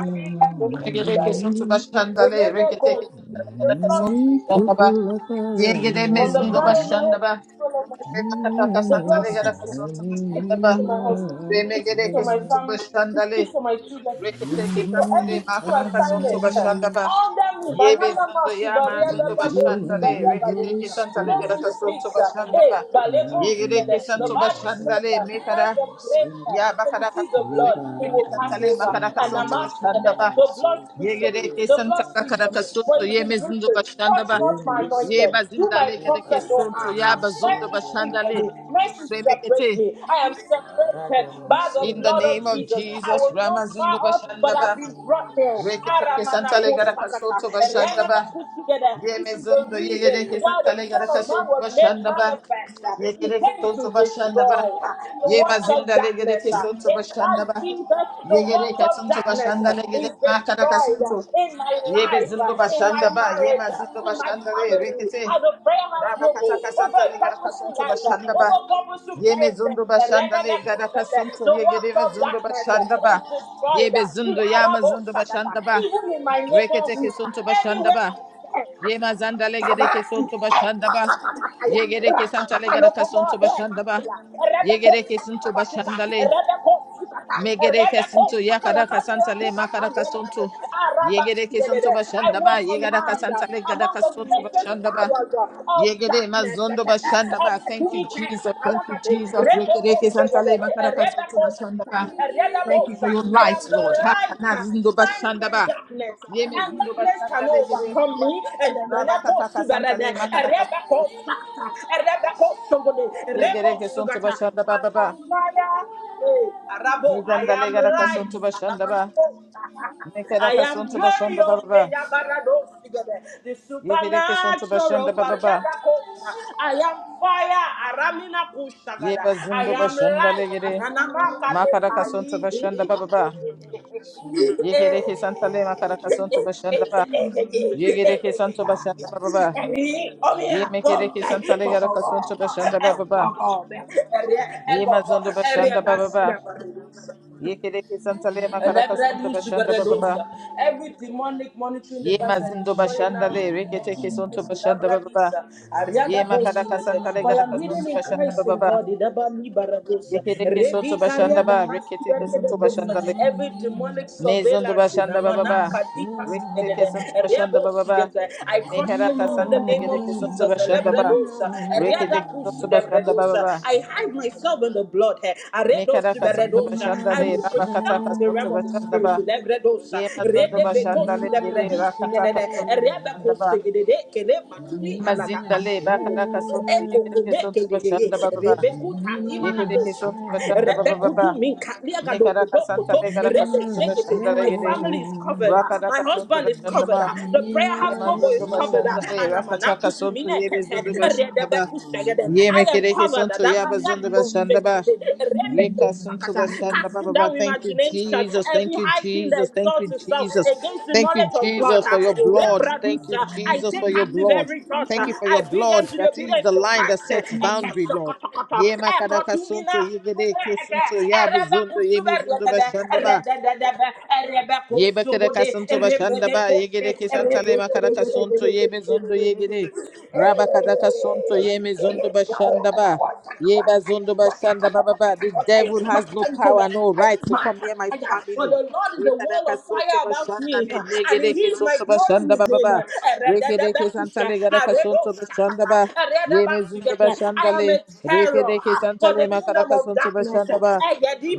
S2: Regede zungu bashanda le. Rekete zungu
S3: speaks for
S2: bashanda
S3: me.
S2: ba.
S1: Cuckoo like
S2: Yegede me
S3: From the
S2: zungu
S3: crown
S1: a
S3: of my
S2: bashanda
S3: head
S2: ba.
S3: to the sole of my
S1: It is
S3: feet,
S2: Reba tata
S3: the
S2: zungu
S3: blood
S2: legede
S3: speaks for me.
S2: zungu
S3: It
S2: bashanda
S3: speaks
S2: ba.
S3: for my husband. It speaks for
S2: Remegede
S3: my
S2: zungu
S3: family. It
S2: bashanda le.
S3: speaks for my children. It
S2: Reketeke
S3: speaks for every
S2: santale
S3: single
S2: makaka zonto
S3: assignment.
S2: bashanda ba.
S3: All that me,
S2: Yebe
S3: banana
S2: zondo
S3: mass,
S2: ya
S3: Sibaria,
S2: mazondo
S3: Dada, Bo,
S1: you
S2: bashanda
S1: and
S2: le.
S3: Sibaria,
S1: you,
S3: Dada, Bo.
S1: Holy
S2: Reketeke santale
S1: Spirit.
S3: Mercy
S2: garaka zonto
S3: speaks. uh,
S2: bashanda
S3: Hey,
S2: ba.
S3: Baleko,
S1: Barata
S2: Yegereke
S3: together. The
S2: santo
S1: Masunta,
S3: Bible
S2: bashanda
S3: says
S2: le
S3: that
S1: Liberata
S3: when
S2: mekara
S3: the prayer,
S1: Masunta,
S2: ya
S3: when he
S2: bakara
S3: sees the
S2: kasonto
S3: blood, he
S2: yegereke
S3: will
S1: Liberata Masunta, Liberata
S3: pass
S2: santale
S3: over.
S2: makara
S3: And I'm
S2: kasonto
S1: Masunto,
S3: asking
S2: bashanda ba.
S1: Likamina
S3: the blood speaks for
S1: Sunto,
S3: me.
S2: Yegereke
S3: The
S2: santa
S3: blood speaks
S2: bakara
S3: for
S1: Liberata
S3: me.
S1: Masunto,
S3: For
S2: kasonto
S3: it is
S2: yeme zindo
S3: written,
S2: bashanda
S3: touch
S2: ba.
S3: not my
S1: Lima
S3: anointed.
S2: Yeba
S1: Sunto,
S3: Do my
S2: zindale
S3: prophet
S2: gereke
S3: no
S2: sonto
S1: Liberata
S3: harm. Ha.
S2: ya bazondo
S3: Mercy
S1: Masunto,
S3: speaks
S2: bashanda
S3: for
S2: le.
S3: me.
S1: Likamina
S3: Mercy
S1: Sunto.
S3: separates
S2: Remekete
S3: me. I am separated by the
S2: in the
S1: Paradamasende
S3: blood of
S2: name
S1: le
S2: of
S3: Jesus. I
S2: Jesus
S3: was once far
S2: Ramazondo
S3: off,
S1: paradamasende
S3: but
S2: bashanda
S1: le
S3: I've
S2: ba.
S3: been brought near.
S1: kinamasende.
S2: Reketeke
S3: Aramana
S2: santale
S3: ko
S2: garaka soto bashanda
S3: sakata.
S2: ba.
S3: Put together,
S2: Ye
S3: This is the
S2: mezondo
S3: reason
S2: yegereke
S3: why the
S2: santale
S3: Son
S2: garaka
S3: of Man
S2: soto
S3: was made
S2: bashanda ba.
S3: manifest.
S2: ye
S3: He
S2: Yegereke
S3: came to
S2: soto bashanda
S3: destroy
S2: ba.
S3: uh, the
S2: Ye
S3: works of
S2: mazinda
S3: darkness.
S2: legereke
S3: uh,
S2: soto
S3: In
S2: bashanda
S3: Christ
S2: ba.
S3: Jesus, the
S2: ye
S3: works
S2: Yegereke
S3: of
S2: soto
S3: darkness
S2: bashanda
S3: uh, is
S2: legereke makaraka
S3: destroyed uh,
S2: soto.
S3: in my
S2: Ye
S3: life, uh,
S2: bezindo
S3: in my
S2: bashanda ba. Ye
S3: marriage, uh,
S2: mazindo
S3: in my
S2: bashanda le
S3: family,
S2: rekete.
S3: as a prayer house global,
S2: Rabakataka
S3: over a
S2: santale garaka
S3: purposeful
S2: soto
S3: life, uh,
S2: bashanda ba.
S3: over purposeful
S2: Yeme
S3: prayers.
S2: zundo
S3: uh,
S2: bashanda
S3: Rene
S2: le gada
S3: Mekisete,
S2: kasunto
S3: The
S2: ye gede
S3: works
S2: me
S3: of darkness
S2: bashanda
S3: uh, is
S2: ba. ye
S3: destroyed. uh,
S2: zundo yama
S3: Iarabo
S2: zundo
S3: Sagata,
S2: bashanda ba.
S3: even in my neighborhood,
S2: Reketeke sonto
S3: anywhere
S2: başandaba.
S3: I stand.
S2: Yema zandale
S3: Kaba,
S2: gereke sonto başandaba.
S3: Kakakakakaya,
S2: Ye gereke santale garaka
S3: Rakakakalokoko,
S2: sonto başandaba.
S3: Rakakaya,
S2: Ye
S3: Rebeko,
S2: gereke sonto
S3: Sakakabakuka,
S2: başandale.
S3: Rebeko, Sukata,
S2: Me gereke
S3: Rebeko,
S2: sonto yakaraka
S3: Sakalakandea,
S2: santale makaraka
S3: Kukakandela,
S2: sonto. Ye
S3: Araba,
S2: gereke
S3: Sidedede.
S2: sonto
S3: I
S2: başandaba.
S3: walk
S2: Ye garaka
S3: unharmed
S2: santale
S3: among
S2: garaka
S3: the
S2: sonto
S3: fiercest
S2: başandaba.
S3: powers uh,
S2: Ye
S3: of
S2: gere
S3: darkness.
S2: mazondo
S3: Ekete,
S2: başandaba. Thank you
S3: Ekefumika,
S2: Jesus. Thank you
S3: Kapalakate,
S2: Jesus.
S3: Rebeko,
S2: Rekereke
S3: Segede,
S2: santale makaraka sonto
S3: Rebeko,
S2: başandaba.
S3: Sika,
S2: Thank you for
S3: Redebosa.
S2: your
S3: I am
S2: light, Lord.
S3: the
S2: Hakana
S3: light uh,
S2: zindo
S3: shining in
S2: başandaba.
S3: in darkness,
S2: Yeme
S3: and
S2: zindo
S3: darkness cannot
S2: bashandale gere
S3: overcome me. And then the Neko
S2: Rabakataka
S3: Sugarada,
S2: Santale
S3: a
S2: Makaraka
S3: Rebecca Sata, a Rebecca Sugode, Rebo
S2: Yegereke Suntu
S3: Sugata,
S2: Bashanda
S3: I am
S2: Baba
S3: fire. Hey, Arabo, I
S2: Nizandale
S3: am
S2: Garaka
S1: And you.
S3: light.
S2: Suntu Bashanda Ba
S3: Salamanako.
S1: You are the
S3: I
S2: Mekaraka
S1: dark,
S3: am
S2: Suntu Bashanda
S3: glorious.
S2: Baba
S3: The
S2: Yegereke Suntu Bashanda
S3: supernatural.
S2: Baba
S3: Barriada Costa. I am fire. Aramina kushagada.
S2: Yeba
S3: I
S2: Zundu
S3: am
S2: Bashanda
S3: light.
S2: Legere
S3: Ananamaka de
S2: Makaraka Suntu Bashanda
S3: kai.
S2: Baba Yegereke Santale Makaraka Suntu Bashanda Ba Yegereke Suntu Bashanda Baba
S3: Come
S2: Ye
S3: here. Go.
S2: Mekereke
S3: Hey,
S2: Santale
S3: Go, go,
S2: Garaka Suntu
S3: go.
S2: Bashanda
S3: Hey,
S2: Baba
S3: Go, go. Hey, go, go. Hey,
S2: Yema
S3: go, go.
S2: Zundu
S3: Hey,
S2: Bashanda Baba
S3: go, go.
S2: Yekereke Santale Makaraka Suntu
S3: Elebradu
S2: Bashanda Baba
S3: suberedosa. Every demonic monitoring
S2: Ye
S3: device, I
S2: mazindo
S3: destroy it
S2: bashanda
S3: now in the
S2: le
S3: name of
S2: rekete
S3: Jesus.
S2: kesonto bashanda baba ba.
S3: Labradisa,
S2: Ye
S3: Ariada
S1: and it
S2: makara
S3: Bosugete.
S2: kasanta le
S3: For I
S2: gara
S3: am
S1: belongs
S3: hidden
S1: to
S2: kasonto
S3: in
S2: bashanda
S3: Christ
S2: baba
S3: in
S2: ba.
S3: God.
S1: you.
S3: Idabami
S2: Ye
S3: Barabosa.
S2: kere
S1: Bless
S2: kesonto
S3: Redi
S1: you. You
S2: bashanda
S3: Kariada
S2: ba
S3: Basi
S2: rekete kesonto
S3: Beredosa.
S2: bashanda
S1: are
S2: le.
S3: Every
S1: not alone.
S3: demonic
S2: Mezondo
S3: surveillance
S1: And
S3: in
S1: we
S2: bashanda
S1: need
S2: baba ba.
S1: more
S3: Amanaka Dikas.
S2: Rekete kesonto
S1: shadow.
S2: bashanda
S3: Rebo
S2: baba ba.
S3: Sugete. I
S1: And we
S3: crush
S2: Mekara
S1: need
S3: you now in
S2: kasanta
S3: the
S2: le
S3: name
S1: more
S2: gara
S3: of
S2: kesonto
S3: Jesus.
S1: light.
S2: bashanda
S1: And we
S2: ba.
S1: need
S3: Elebredosa.
S1: more
S2: Rekete
S3: Ariada
S2: kesonto bashanda baba
S3: Pusudebredosa.
S2: ba.
S3: I hide
S1: shadow.
S3: myself in the blood.
S2: Mekara
S3: Aredosi
S1: And we
S2: kasonto
S3: beredosa.
S2: bashanda
S3: I
S2: le
S3: move with
S2: raba kata
S3: shout to the
S2: kasonto
S3: realm of the
S2: bashanda
S3: spirit to
S2: ba.
S3: them redosa.
S2: Ye mazondo
S3: Rede
S2: bashanda le
S3: bekosu de
S2: gere
S3: bredisi
S2: rakata
S3: gedede.
S2: kasonto
S3: Erebe
S2: bashanda ba.
S3: kosi gedede kele matumi alaga
S2: Mazinda
S3: ako.
S2: le bakaraka sonta
S3: Eko
S2: yegereke
S3: kome
S2: sonta
S3: kedede.
S2: bashanda baba ba
S3: Rebe kuta
S2: yegereke sonta bashanda baba baba
S3: minka liaga dogo
S2: mekaraka santa
S1: Yes,
S2: le garaka
S3: Rebe
S2: sonta
S3: segete.
S2: bashanda
S1: yes.
S3: My
S2: yegere
S3: family is covered. ah. My
S2: rakaraka sonta
S3: husband is
S2: bashanda
S3: covered.
S2: ba
S3: ah. The prayer
S2: ye
S3: house global
S2: mazundo
S3: is covered. ah.
S2: bashanda le
S3: And I'm an
S2: rakataka
S3: akutu
S2: sonta
S3: mine
S2: ye
S3: kete.
S2: bezundo bashanda
S3: Rede
S2: ba ye
S3: I am
S2: mekereke
S3: covered.
S2: sonta ya bazundo bashanda ba
S3: Casting
S2: Yekasuntulashandababa.
S3: down
S2: Thank you,
S3: imagination,
S2: Jesus.
S3: every
S2: Thank you,
S3: high thing that
S2: Jesus. Thank you,
S3: exalts itself
S2: Jesus.
S3: against the
S2: Thank you,
S3: knowledge of God.
S2: Jesus,
S3: ah.
S2: for your blood. Thank you,
S3: Rebradusa. I
S2: Jesus, for
S3: take
S2: your
S3: captive
S2: blood.
S3: every thought.
S2: Thank
S3: ah.
S2: you for
S3: I
S2: your
S3: bring them
S2: blood.
S3: to the
S2: That is the
S3: obedience of
S2: line that
S3: Christ.
S2: sets boundary, Lord.
S3: Ekesokotokoto.
S2: Yemakadakasuntu,
S3: Ekotumina.
S2: yegedeke suntu, yabuzundo, yemizindubashandaba. Yeba karaka suntu bashanda ba yegere kisantale makaraka suntu yebe zundu yegere raba kadaka suntu yeme zundu bashanda ba yeba zundu bashanda ba ba ba the devil has no power no right to come near my
S3: For
S2: family
S3: the Lord is the wall
S2: rekaraka
S3: of fire
S2: suntu
S3: about
S2: bashanda
S3: me,
S2: le
S3: and
S2: megere
S3: He is my
S2: kisuntu
S3: glory
S2: bashanda
S3: with
S2: ba ba
S3: I
S2: ba rekere kisantale garaka suntu bashanda ba yeme zundu bashanda
S3: am a
S2: le
S3: terror
S2: rekere
S3: for the
S2: kisantale
S3: kingdom
S2: makaraka
S3: of
S2: suntu
S3: darkness.
S2: bashanda ba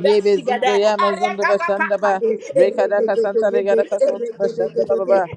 S2: yebe zundu yama zundu bashanda ba
S3: Erekakakakade.
S2: Rekada kasanta legada
S3: Eregegegege.
S2: kasontu bashanda
S3: Eregegegege.
S2: baba.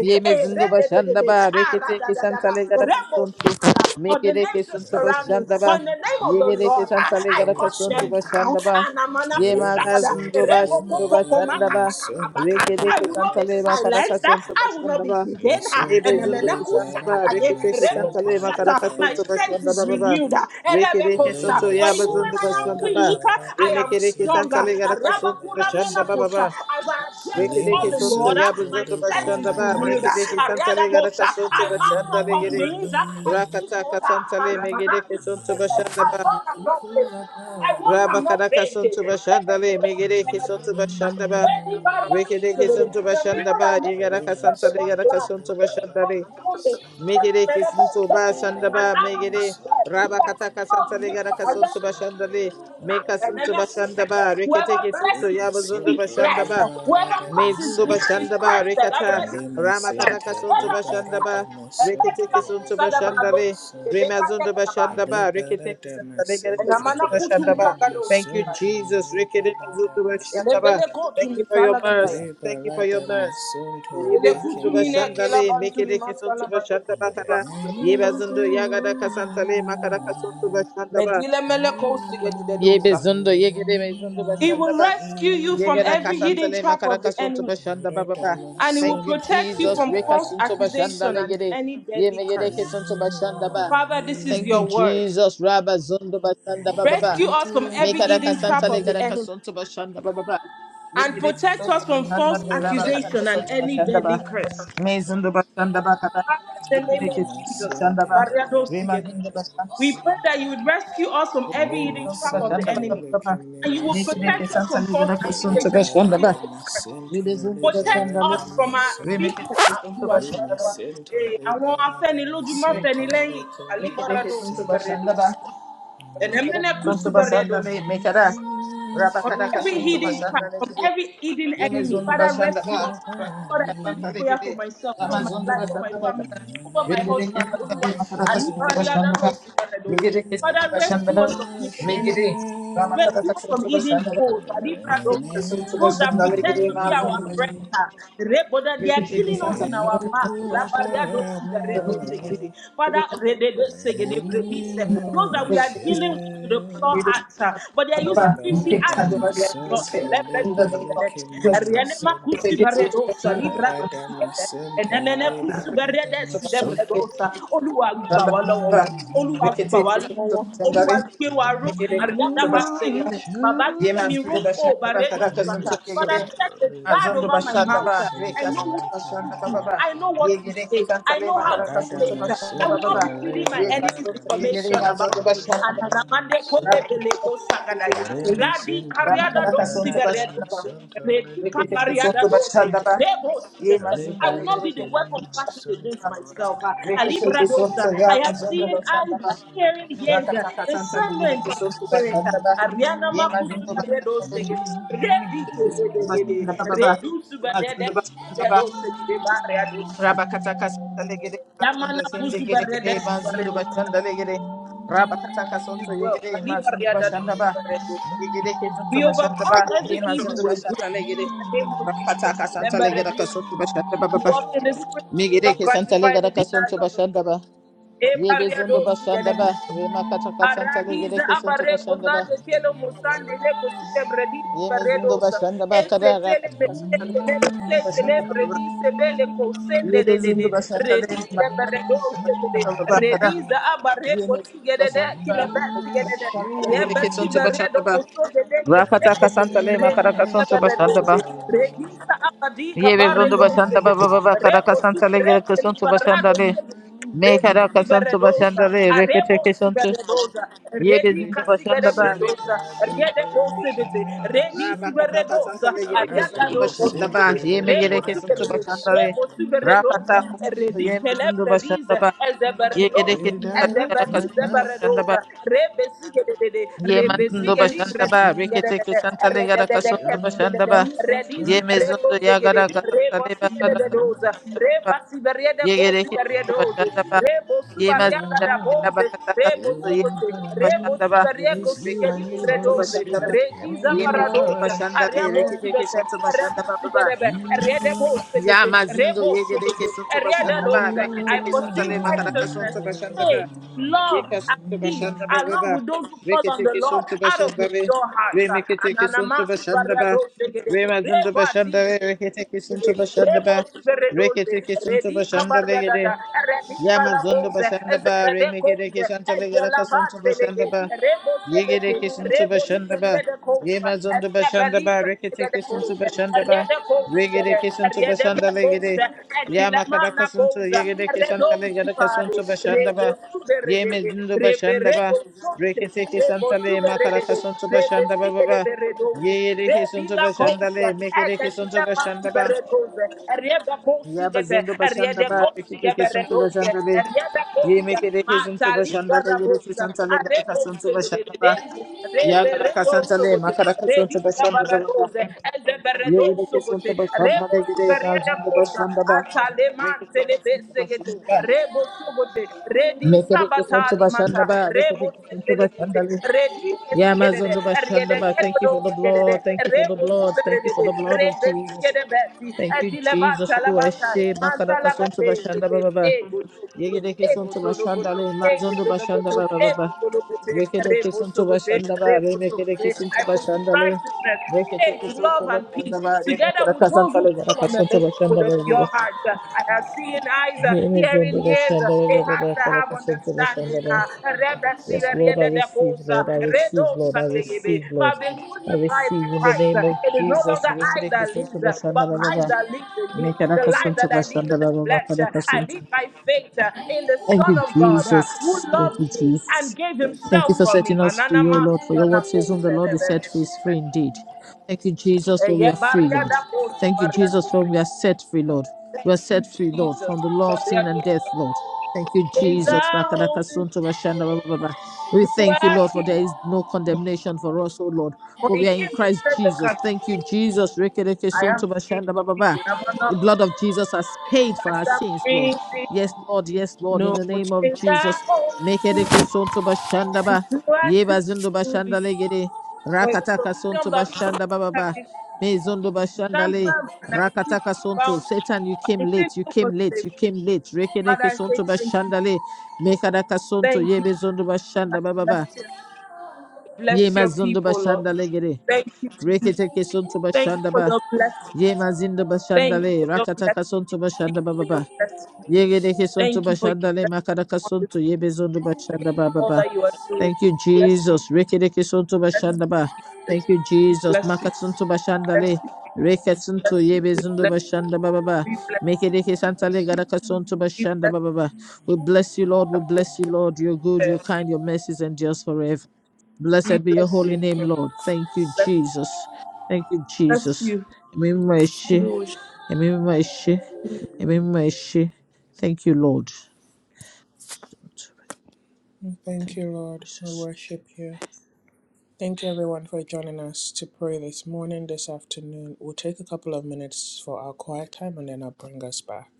S2: Yemezindo bashanda ba. Rekete kesanta legada kasontu.
S3: For the
S2: Mekede
S3: nations
S2: kesuntu
S3: surrounding,
S2: bashanda
S3: for
S2: ba.
S3: in the name of the
S2: Yegede
S3: Lord,
S2: kesanta
S3: I
S2: legada
S3: cut
S2: kasontu
S3: them down.
S2: bashanda ba.
S3: Anamana kusagada.
S2: Yemagazindo
S3: Remo
S2: bashindo
S3: koko koma
S2: bashanda ba.
S3: katakakabaka.
S2: Rekede
S3: I will not
S2: kesanta
S3: be
S2: leba kada
S1: Yes,
S3: silenced.
S2: kasontu
S1: yes.
S3: I will not
S2: bashanda
S3: be
S2: ba.
S1: Me
S3: hidden.
S1: sunto
S2: Yebezindo
S3: Anamana
S2: bashanda ba.
S1: liberata
S3: kusakadaye.
S2: Rekete
S3: Remo
S2: kesanta
S1: masente,
S2: leba kada
S3: kusata. My
S2: kasontu
S1: liberata
S3: strength
S2: bashanda
S3: is
S2: ba baba.
S1: masente.
S3: renewed.
S2: Rekede
S1: Le
S2: kesuntu
S3: For even when
S2: yabazindo
S3: I am
S1: masunto
S2: bashanda ba.
S3: weak,
S1: liberata
S3: I am
S2: Remekede
S1: masente,
S3: stronger.
S2: kesanta legada
S1: leke
S2: kasontu
S1: le
S2: bashanda ba
S1: masente.
S2: baba.
S3: As I appear
S2: Reke
S1: Le
S3: before
S2: deke
S3: the
S2: sonto
S3: Lord,
S1: masunto
S3: my
S2: yabuzondo
S3: strength is
S2: bashanda
S3: is
S2: ba.
S1: liberata
S3: revealed.
S2: Meke deke
S1: masente.
S2: santa
S3: Ariada
S2: le garaka
S3: Bosha,
S2: sonto
S3: I mount
S2: bashanda
S3: up
S2: le
S3: on
S2: gere.
S3: wings.
S1: Yawali,
S3: I see
S2: Rakata ka
S3: goes
S2: santa
S3: and
S2: le mege deke sonto
S3: I
S2: bashanda ba.
S3: walk and not
S1: kukula
S3: fainting. I
S1: kawa,
S3: walk
S2: Raba
S3: and not
S2: karaka
S3: fainting.
S2: sonto bashanda le mege
S3: Anybody
S2: deke sonto bashanda ba.
S3: that
S1: yawali.
S2: Reke
S3: comes to
S2: deke
S3: it,
S2: sonto
S3: the
S2: bashanda
S3: river that
S2: ba.
S3: makes the
S2: Yega
S3: sea
S2: ka
S3: of
S1: Rema
S3: the
S2: santa le
S3: Lord
S2: garaka
S3: glad,
S1: Santo
S2: sonto
S3: there is
S2: bashanda
S3: no
S1: Liberata
S2: le.
S3: scolding.
S1: Santo
S3: And
S2: Mege
S3: I don't
S2: deke sonto ba shanda ba mege
S1: Liberata
S3: want to
S2: de.
S3: say, we
S1: Santo
S2: Raba
S3: are
S2: kataka santa le
S1: Rebele
S3: not
S2: garaka sonto
S3: rivers.
S1: Santo
S2: bashanda le. Meka
S1: Liberata
S2: sonto bashanda
S1: Santo
S2: ba. Reke
S3: Whoever
S2: teke sonto
S3: blesses
S1: Lema
S2: yabuzondo
S3: me is
S1: Santo
S2: bashanda
S3: blessed.
S2: ba.
S3: Whoever
S1: Liberata
S3: curses
S2: Mevindo
S3: me
S1: Santo
S3: is
S2: Bashandaba,
S3: cursed.
S2: Rekata,
S1: Lema Santo
S2: Ramakataka Sonto Bashandaba,
S1: Liberata Santo
S2: Reketeke Sonto
S1: Lekemema
S2: Bashandale,
S1: Santo
S2: Remazondo Bashandaba, Reketeke
S1: Liberata
S2: Santa
S3: And
S2: Legereke
S1: Santo
S3: amana
S2: Sonto
S3: kutu mila
S2: Bashandaba.
S1: Lekemema
S3: gadosi.
S2: Thank you,
S1: Santo
S2: Jesus. Rekete Mezondo
S1: Liberata
S2: Bashandaba.
S3: Elebele
S1: Santo
S3: kotu
S2: Thank you for your
S3: misala
S2: mercy.
S3: gadaya.
S1: Reba
S2: Thank you for
S1: lada
S2: your mercy.
S1: masunto
S3: Elebele
S1: leke
S2: Rebezondo
S3: kutu
S1: me
S3: mine kela
S2: Bashandale,
S3: bantu
S1: masunto.
S3: lima
S2: Mekedeke Sonto
S3: sala bado
S2: Bashandaba
S3: kuteli
S2: Kada.
S3: basige delelesa.
S2: Yebazondo Yagada Kasantale, Makadaka Sonto Bashandaba.
S3: Medile mele kosi gede dosa.
S2: Yebezondo Yegede Mezondo
S3: He will
S2: Bashandaba.
S3: rescue you from
S2: Yegera
S3: every hidden
S2: kasantale
S3: trap
S2: makara
S3: of the
S2: kasunto
S3: enemy.
S2: bashanda
S1: Rada
S2: bababa.
S3: and it will
S2: Thank you,
S1: masente
S3: protect you
S2: Jesus.
S3: from
S1: leba
S2: Reka
S3: false
S1: rada
S2: bashanda
S3: accusation and
S1: masente.
S2: legere.
S3: any deadly
S2: Yemegere
S3: curse.
S2: kesunto bashanda ba.
S3: Father, this is
S2: Thank you,
S3: your word.
S2: Jesus. Rabba zundo bashanda bababa.
S3: Rescue us from
S1: Kukula
S3: every
S2: Mekara
S3: hidden trap
S2: kasanta
S3: of the
S2: legara
S1: kame.
S3: enemy
S2: kasunto bashanda bababa.
S3: and
S2: Yegere
S3: protect us
S2: kesunto
S3: from
S2: bashanda
S3: false
S2: le rabba kara
S3: accusation and
S2: kasunto
S3: any
S2: bashanda
S3: deadly
S2: ba.
S3: curse.
S2: Mezundo bashanda ba kara.
S3: Father, in the name
S2: Yegere
S3: of
S2: kesunto
S3: Jesus,
S2: bashanda
S1: Lemasente
S2: ba. Rema
S3: Baradosigete.
S2: bashanda.
S3: we pray that
S1: liberadamasente.
S3: you would rescue us from
S2: Yegere
S3: every hidden
S2: kesunto
S3: trap of the
S2: bashanda
S1: Lemasente
S3: enemy,
S2: bababa.
S3: and you will
S2: Mekere
S3: protect
S1: lekememasente.
S3: us
S2: kesanta
S3: from false
S2: legara kasunto
S3: accusation and
S2: bashanda
S3: any
S2: ba.
S3: deadly threat.
S1: Liberadamasente
S2: Rebezingi
S3: Protect
S2: başlandalı.
S3: us from our
S1: liberadamasente.
S2: Remekete
S3: people.
S2: kesinti
S3: Olúwa ṣàlùwà.
S2: başlandalı.
S1: Lemasente
S3: Eh, Àwọn afẹ́nilójúmọ́
S1: liberadamasente
S3: fẹ́ni lẹ́yìn.
S2: Mekere
S3: Àlíbáradó
S2: kesinti
S1: lekememasente.
S3: síbẹ̀rẹ̀dó.
S2: başlandalı. Mekere
S3: Ẹ̀nẹ́mẹ́nẹ́kú
S2: kesinti
S3: síbẹ̀rẹ̀dó
S2: başlandalı. Mekere.
S3: from
S2: Rabakada
S3: every
S2: kesinti
S3: hidden trap,
S2: başlandalı
S3: from
S2: gidi.
S3: every hidden
S2: Yeme
S3: enemy.
S2: zondu
S3: Father, rescue
S2: başlandalı.
S3: us.
S2: Rakta
S3: Lord, I pray this
S2: kesinti
S3: prayer for
S2: gidi.
S3: myself, over
S2: Yama
S3: my
S2: zondu
S3: life, over my
S2: başlandalı.
S3: family, over my
S2: Remekere
S3: husband. Oluwa,
S2: kesinti makara kesinti
S3: Aliba, Yada,
S2: başlandalı.
S3: Dosi, Yada, Dosi.
S2: Mekere kesinti
S3: Father, rescue us
S2: başlandalı.
S3: from hidden enemies.
S2: Mekere.
S3: Rescue
S2: Ramakada
S3: us from
S2: kesinti
S3: hidden
S2: başlandalı.
S3: foes. Aliba, Dosi.
S2: Kesinti
S3: Those that
S2: başlandalı
S3: pretend
S2: gidi.
S3: to be our
S2: Mazondu
S3: friends. ah.
S2: başlandalı.
S3: Rebo, that They
S2: Thank
S3: are killing us in our back. Laba, Yada, Dosi, Yada, Dosi, Yeti. Father, Rede, Dosi, Yede, Bredi, Se. those that we are dealing listening with the pure heart, uh, but they are using 50
S1: Liberada
S3: acts to do it.
S1: my son
S3: God,
S1: to
S3: celebrate this together.
S1: liberate me, my
S3: Arianema
S1: sin.
S3: kusi baredo, salibra dosi gete.
S1: Radamasinta
S3: Enemene kusi berede si
S1: liberadamasunta.
S2: you.
S3: Olúwa gbà wá lọ́wọ́
S2: Shandaba,
S3: wọn. Olúwa
S2: rekete
S3: gbà wá lọ́wọ́
S2: kisunto
S3: wọn. Olúwa
S2: shandare,
S3: gbé wa ró.
S2: mekere
S3: Àríyáda
S2: kisunto
S3: bá ṣe
S2: bashandaba,
S3: yẹ̀tẹ̀. Bàbá
S2: ye
S3: gbé mi ró.
S2: mazundo
S3: Oh,
S2: bashandaba,
S3: baredo
S2: karaka
S3: sata.
S2: sunto
S3: Father,
S2: yegere,
S1: Rimasunta
S3: set a guard
S2: mazundo
S3: over my
S2: bashandaba,
S3: mouth. uh. I
S2: reka
S1: liberadamasinta
S3: know who
S2: sunto
S3: is speak
S2: bashandaba
S3: to.
S2: baba,
S3: I know
S1: lekemimasinta.
S3: what to
S2: yegere
S3: say. I
S2: kisantale
S3: know how to say
S2: makaraka sunto
S3: it. I
S2: bashandaba
S3: will
S1: Radamasinta
S3: not
S2: baba,
S3: be feeding my
S2: ye
S3: enemies
S2: kasunto yegere
S3: information
S1: liberadamasunta
S2: mazundo
S3: about me. And
S2: bashandaba,
S3: Anamande Kole
S1: lekemimasunta.
S2: rabazundo
S3: Beleko Sagadaya.
S2: bashandaba,
S3: Radi
S1: Rimasinta
S3: Kariada
S2: ramakaraka
S3: Do
S2: sunto bashandaba,
S3: Siberedose.
S1: liberadamasunta
S3: Redi
S2: rekete kisunto
S3: Kabariada Dose.
S2: bashandaba,
S1: lekemimasinta.
S3: Rebo
S2: ye
S3: Sibete.
S1: Libi
S3: I
S2: mazinda
S3: will not
S2: legere
S3: be the
S1: leke mi
S2: kisunto
S3: weapon fashioned against
S2: bashandaba,
S1: masunto
S3: myself.
S1: rada
S3: Ah, Alibra
S2: Rekete
S1: masente
S3: Dosa.
S2: soto
S1: liba
S3: I
S2: ya
S3: have
S2: janda
S3: seen
S1: rada
S3: eyes,
S2: basanda
S3: ah,
S2: ba
S1: masente.
S3: hearing ears, ah,
S2: rakata kasanta le
S3: descendants
S2: rekete
S3: of
S2: soto
S3: spirit. ah,
S2: basanda ba
S3: Ariana
S2: ye
S3: Makusu
S2: mazindo
S3: Redo
S2: basanda le
S3: Sege. Redi
S2: rekete soto basanda ba ba ba
S3: Redu
S2: mazindo
S3: Subadede
S2: basanda ba rabakata kasanta le gere mazindo sende gere kere mazindo basanda le gere rabakata kasanta ye
S3: well.
S2: gere mazindo basanda ba ye gere kesonto
S3: We
S2: basanda
S3: overcome
S2: ba
S3: every
S2: ye
S3: evil
S2: mazindo
S3: with good.
S2: basanda le
S3: In
S2: gere
S3: the name of
S2: rakata
S3: Jesus.
S2: kasanta
S3: Remember
S2: le gere
S3: that
S2: kasonto basanda ba ba
S3: we
S2: ba
S3: walk in the spirit,
S2: mi
S3: we
S2: gere
S3: not
S1: Thank
S2: kesanta
S1: you.
S2: le
S3: gratify the
S2: gere
S3: desires
S2: kasonto
S3: of the
S2: basanda ba
S3: Eh, barrier,
S2: Yebezundo
S3: those together.
S2: Bashandaba, Rema Kataka Santa
S3: Aradiza
S2: Legereke Santo
S3: abare
S2: Bashandaba,
S3: kozade kelo musande le kosile bredis
S2: Yemezundo
S3: baredosa.
S2: Bashandaba, Kadara
S3: Esetele
S2: Kataka Santa
S3: metele
S2: Legereke
S3: setele
S2: Bashandaba,
S3: bredise bele kosende de de de.
S2: Yebezundo Bashandale,
S3: Redise baredose de de.
S2: Makataka Bakara,
S3: Rediza abare kosige
S2: Yemezundo
S3: de de kile
S2: Bashandaba,
S3: batsige
S2: Yemezundo
S3: de de.
S2: Bashandale Legereke
S3: Rebesi
S2: Santo
S3: baredo
S2: Bashandaba,
S3: koso de de kesende
S2: Rakataka
S3: de.
S2: Santa Le, Makaraka
S3: Redisa
S2: Santo
S3: baredose.
S2: Bashandaba,
S3: Redisa abadi kabare
S2: Yebezundo
S3: dose de
S2: Bashandaba,
S3: de.
S2: Baba Karaka
S3: Rebo si
S2: Santa Legereke
S3: rebo
S2: Santo Bashandale,
S3: libarado
S2: Me Karaka Santo
S1: Thank
S3: Redisiberedosa,
S2: Bashandale,
S1: you.
S2: Reketeke Santo,
S3: Arebosiberedosa,
S2: Yebezundo Bashandaba,
S3: Redicasigerebredosa,
S2: Remezundo
S3: Redebosibiti,
S2: Rabakata
S3: Redisiberedosa,
S2: kasantale gereke suntu başında ba.
S3: Ariagadobosibiti,
S2: Yeme gereke suntu
S3: Rebosibiti,
S2: başında ba.
S3: Rebosiberedosa,
S2: Rakata kasuntu yeme zindu
S3: Redicelebredise,
S2: başında ba. Ye
S3: Ezeberedosa,
S2: gereke
S1: You
S2: santale gara
S1: direct my
S2: kasuntu
S1: path
S2: başında ba.
S3: Ezebelizeberedoza, rebesigedede,
S2: Yeme
S1: in
S2: zindu
S1: great
S2: başında ba.
S1: oxygen.
S3: rebesigedibredisigedede,
S2: Rekete kesantale gara kasuntu
S1: You're my
S2: başında
S3: eredededekestigedede,
S2: ba.
S1: comforter.
S2: Yeme zindu ya
S3: rediziberedozegede,
S2: gara kasantale ba
S1: You
S2: kada
S3: rebosigededoza,
S1: know,
S2: ba. Yegere hisutu
S3: rebasiberiedekosiberiedoze,
S2: başanda ba Yegereke Bashandaba, Yema Zindaraba
S3: rebosubariagadaboze,
S2: Kataka
S1: you
S2: ba
S3: rebosogote,
S1: ain't
S2: Yema
S1: gonna me.
S2: Bashandaba,
S1: It is you and
S2: Reketeke
S1: you,
S2: Soto
S1: Holy
S3: rebosiberiekosigedigredoze,
S2: Bashandaba,
S1: Spirit. Hear me,
S2: Yeme Zindo
S3: rekizaparadoza,
S1: Lord.
S2: Bashandare, Reketeke
S3: ariabosubete,
S2: Soto ba Baba,
S3: erebesigerebe,
S1: Yeah.
S3: eredebosegete,
S2: Yama Zindo Yegereke
S3: rebosogote,
S2: Soto Bashandaba,
S3: eriededoza. I
S2: Reketeke
S3: pursue
S2: Sontale Makaraka Soto
S3: righteousness faith,
S2: Bashandaba,
S3: love,
S2: Yeka
S3: and
S2: Soto
S3: peace,
S2: Bashandaba
S3: along
S2: Baba,
S3: with those who call on the
S2: Reketeke
S3: Lord
S2: Soto
S3: out of the
S2: re
S3: pure heart.
S2: Remeketeke Soto
S3: Ananamasu barado
S2: Bashandaba,
S3: shegede,
S2: Rema Zindo
S3: reba zizi
S2: Bashandare, Reketeke Soto Bashandaba,
S3: Rebo Zeredoze,
S2: Reketeke Soto
S3: Redika
S2: Bashandale,
S3: Bariadada, Redika
S2: Yamazondo
S3: Labose,
S2: Bashanda Ba, Remeke de
S3: Zebedekoze,
S2: Kishanta Legaraka Santo Bashanda
S3: Ezelabadelege,
S2: Ba,
S3: Rebo
S2: Yege de
S3: Segete,
S2: Kisanto
S3: Rebo
S2: Bashanda Ba,
S3: Zeredekose,
S2: Yamazondo Bashanda Ba,
S3: Estabelika
S2: Rekete Kisanto
S3: Segedekose,
S2: Bashanda Ba,
S3: Redekose,
S2: Rege de Kisanto Bashanda Legede,
S3: Redebekose,
S2: Yamakadaka
S3: Etilamana
S2: Santo,
S3: Redosa,
S2: Yege de Kishanta Legaraka
S3: redonzipare
S2: Bashanda Ba,
S3: rebosuberede
S2: Yemazindo Bashanda Ba,
S3: reberedozonte
S2: Rekete Kisanta Le, Makaraka
S3: rebosuberede
S2: Santo Bashanda Ba Ba Ba,
S3: rebesikerederedonze
S2: Yege de Kisanto
S3: rebila
S2: Bashanda
S3: konsa
S2: Le, Meke de Kisanto
S3: eketile
S2: Bashanda Ba,
S3: masiberedoze eriebe konsigete
S2: Yabazondo Bashanda
S3: eriede
S2: Ba, Rekete Kisanto
S3: konsigeberedoze
S2: Bashanda Le,
S3: eriebe
S2: Ye
S3: konsa
S2: meke deke a kisun le
S3: mataliga
S2: Bashanda, they get a
S3: rabosa
S2: kisun to Legacasun to Bashanda,
S3: arebosegededeze
S1: Every
S2: Yagaracasan to Le,
S1: mirror,
S3: reberedosogote
S2: Macaracasun to
S3: rediga
S2: Bashanda, Baba,
S3: baradoze
S2: Ye get a
S1: And
S2: kisun
S3: ezeberedosogote
S2: to
S1: in my
S2: Bashanda, they get a Mazun
S3: Rebosha,
S2: Bashanda,
S1: shadow,
S2: Ba,
S3: Ataleman,
S2: Ricket a kisun to
S3: Telebesekete,
S2: Bashanda,
S1: and
S2: Ba,
S3: Rebo Sobote,
S1: beyond,
S3: Redi
S2: meke deke a kisun to
S3: Sabatali
S2: Bashanda,
S3: Manta,
S2: Ba, Ricket a
S3: Rebo
S2: kisun to
S3: Sekete,
S1: and
S2: Bashanda,
S1: you
S3: Redi
S1: will
S2: Yamazun
S3: Sigede,
S2: to Bashanda,
S1: mark
S3: Riede
S2: Ba, thank you for
S3: Edo
S2: the blood,
S3: Sigede,
S2: thank you for the
S1: your
S3: Rebo
S2: blood, thank you for
S3: Sigede,
S2: the blood of
S3: Rebe
S2: Jesus.
S3: Sigede Betty,
S1: And
S2: Thank
S1: in
S2: you, Jesus.
S3: Atilabata
S1: my
S3: Labata,
S2: Luashe,
S1: shadow,
S2: Makarakasun to
S3: Mantalabate,
S2: Bashanda, ba ba ba.
S3: Ego,
S2: Ye get a kisun
S3: Ego
S2: to
S1: and in
S3: Tologo,
S2: Bashanda,
S1: my
S2: Le,
S3: Ego
S2: Mazun to Bashanda,
S3: Tologo,
S2: ba. ba
S1: shadow,
S2: ba.
S3: Ego Tologo,
S2: Rekete
S3: Rebo
S2: kesin tuba
S3: Sobote,
S2: şandaba,
S3: Rebo
S2: remekete
S3: Sobote.
S1: and
S2: kesin
S3: I
S2: tuba
S3: pursue
S1: beyond,
S2: şandale.
S3: righteousness,
S2: Rekete
S3: faith,
S2: kesin
S3: love,
S2: tuba
S3: and peace
S2: şandaba,
S3: together
S2: remekete
S3: with
S2: kasan
S3: those who
S2: tale gara
S3: call on
S1: and
S3: the
S2: kasan
S3: name
S2: tuba
S1: you will
S3: with a
S2: şandaba
S3: pure
S2: baba.
S3: heart. Uh,
S1: mark
S3: I have seen eyes,
S1: your
S3: uh,
S2: Emezon
S3: hearing
S2: tuba
S3: ears, uh,
S2: şandaba
S3: a
S2: baba
S3: heart
S2: baba
S3: that
S2: kara
S3: have
S2: kasan tuba
S1: And in
S3: understanding.
S2: şandaba.
S3: uh,
S1: my
S3: Reba
S2: Yes,
S3: Sira
S2: Lord, I
S3: Reda
S1: shadow.
S3: de
S2: receive,
S3: Cosa,
S2: Lord, I receive,
S3: Redo
S2: Lord, I
S3: Satayebe.
S2: receive,
S3: For
S2: Lord.
S3: I've been
S1: Ẹ̀mí
S2: I
S3: crucified
S2: receive
S3: with
S1: mímọ́
S2: in the
S3: Christ.
S1: ṣe
S2: name
S3: uh,
S2: of
S1: o,
S3: It is no
S2: Jesus.
S3: longer I
S2: Rekete
S3: that
S2: kesin
S3: lives,
S2: tuba
S3: uh, but
S2: şandaba baba.
S3: Christ
S1: ẹ̀mí
S3: that lives in me.
S2: Mekara
S3: The
S1: àhóhó,
S2: kasan
S3: life that
S2: tuba
S3: I live in the
S2: şandaba baba
S3: flesh,
S2: kara
S3: uh, I
S2: kasan
S3: live
S2: tuba.
S3: by faith uh, in
S1: ẹ̀yin
S3: the
S1: kúkú
S2: Thank
S3: Son
S2: you,
S3: of God uh, who
S2: Jesus.
S1: lágbára
S2: Thank you,
S3: loved
S1: yìí.
S3: me
S2: Jesus.
S3: and gave
S1: Ha!
S2: Thank you
S3: himself
S2: for
S3: for me.
S2: setting us
S3: Manana
S2: free, O
S3: mas,
S2: Lord, for
S1: Ẹ̀mí
S2: your word says
S3: manako,
S2: whom the Lord is
S3: sedebe,
S1: mímọ́
S2: set free
S1: ṣe.
S2: is free indeed. Thank you, Jesus,
S3: Eh,
S2: for we
S3: yeah,
S2: are
S1: Ìwọ
S2: free,
S1: nìkan
S2: Lord.
S1: ni
S3: Barriada
S1: mo ní
S3: Kosi,
S2: Thank
S1: o,
S2: you,
S3: Barriada
S2: Jesus, for
S3: Kosi.
S2: we are set free, Lord. We
S3: Thank
S2: are
S3: you,
S2: set free, Lord,
S3: Jesus.
S2: from the
S1: olùkọ́
S2: law
S1: mi
S2: of
S1: o.
S2: sin
S3: Barriada
S2: and death,
S3: Kosi.
S2: Lord. Thank you,
S3: Things
S2: Jesus.
S3: are holding
S2: Lakadakasunto
S1: Ẹ̀mí
S2: bashanda ba- ba- ba-
S1: mímọ́
S2: ba.
S1: ṣe.
S2: We thank you, Lord, for
S3: rocky.
S2: there is no condemnation for us, O Lord,
S3: For
S2: for we are
S3: it
S1: Ẹ̀mí
S2: in
S3: came to
S2: Christ
S3: set the
S2: Jesus.
S3: captive.
S1: àhóhó
S2: Thank you,
S1: yìí.
S2: Jesus.
S3: I am
S2: Rekedekesunto
S3: free.
S2: bashanda ba- ba- ba.
S3: I'm
S1: Ẹ̀yin
S2: The
S3: not.
S1: kúkú
S2: blood of Jesus
S1: lágbára
S2: has paid
S1: mi
S3: I
S2: for our
S3: stand
S2: sins, Lord.
S3: free.
S2: Yes,
S1: o.
S2: Lord. Yes, Lord. In
S3: No
S2: the name of
S3: chains are
S2: Jesus.
S1: Ẹ̀mí
S3: holding me.
S1: mímọ́.
S2: Mekereke sonto bashanda
S3: It's
S2: ba.
S3: who
S2: Yeba zindo
S3: to
S2: bashanda
S3: be.
S1: Thank you.
S2: legere.
S3: For it is the
S2: Rakataka sonto
S3: freedom that comes
S2: bashanda ba ba
S3: from
S2: ba.
S3: me.
S2: Me zondo bashanda
S3: Stand
S2: le.
S3: firm and I refuse to
S2: Rakataka
S3: be
S2: sonto.
S3: bound.
S2: Satan, you
S3: But
S2: came
S3: I say
S2: late. You
S3: no for
S2: came late.
S3: slavery.
S2: You came late.
S3: Father,
S2: Rekereke
S3: I say
S2: sonto
S3: thank you.
S2: bashanda le. Mekaraka sonto.
S3: Thank you.
S2: Yebe zondo
S3: I
S2: bashanda ba ba
S3: bless
S2: ba.
S3: you. Bless
S2: Yema
S3: your
S2: zondo
S3: people, Lord.
S2: bashanda legere.
S3: Thank you. Jesus.
S2: Reketeke sonto
S3: Thank you
S2: bashanda
S3: for
S2: ba.
S3: your blessings.
S2: Yema zindo bashanda
S3: Thank you
S2: le.
S3: for your
S2: Rakataka
S3: blessings.
S2: sonto
S3: Thank
S2: bashanda
S3: you
S2: ba ba
S3: for your
S2: ba.
S3: blessings.
S2: Yegedeke sonto
S3: Thank you for your
S2: bashanda le.
S3: blessings.
S2: Makaraka
S3: on this
S2: sonto. Yebe zondo
S3: Thank
S2: bashanda
S3: you
S2: ba ba
S3: for all
S2: ba.
S3: that you are doing.
S2: Thank you,
S3: Bless you.
S2: Jesus. Rekereke sonto
S3: Bless
S2: bashandaba.
S3: you.
S2: Thank
S3: Jesus.
S2: you,
S3: We
S2: Jesus.
S3: bless you.
S2: Makasonto
S3: Bless
S2: bashandale.
S3: you.
S2: Rekasonto
S3: Bless you. We
S2: yebe
S3: bless you.
S2: zundo bashandaba baba.
S3: We
S2: Mekereke santale
S3: bless you.
S2: garakasonto
S3: We
S2: bashandaba baba. We bless you, Lord. We
S3: bless you.
S2: bless you, Lord. You're good, you're kind, your mercies endures forever.
S3: We
S2: Blessed be your
S3: bless
S2: holy
S3: you. We bless you.
S2: name, Lord. Thank you, Jesus. Thank you,
S3: Bless
S2: Jesus.
S3: you.
S2: Emimimo eshe.
S3: bless
S2: Emimimo eshe.
S3: you.
S2: Emimimo eshe. Thank you, Lord. Thank
S1: Thank
S2: you,
S1: you, Lord. We
S2: Jesus.
S1: worship you. Thank you, everyone, for joining us to pray this morning, this afternoon. We'll take a couple of minutes for our quiet time and then I'll bring us back.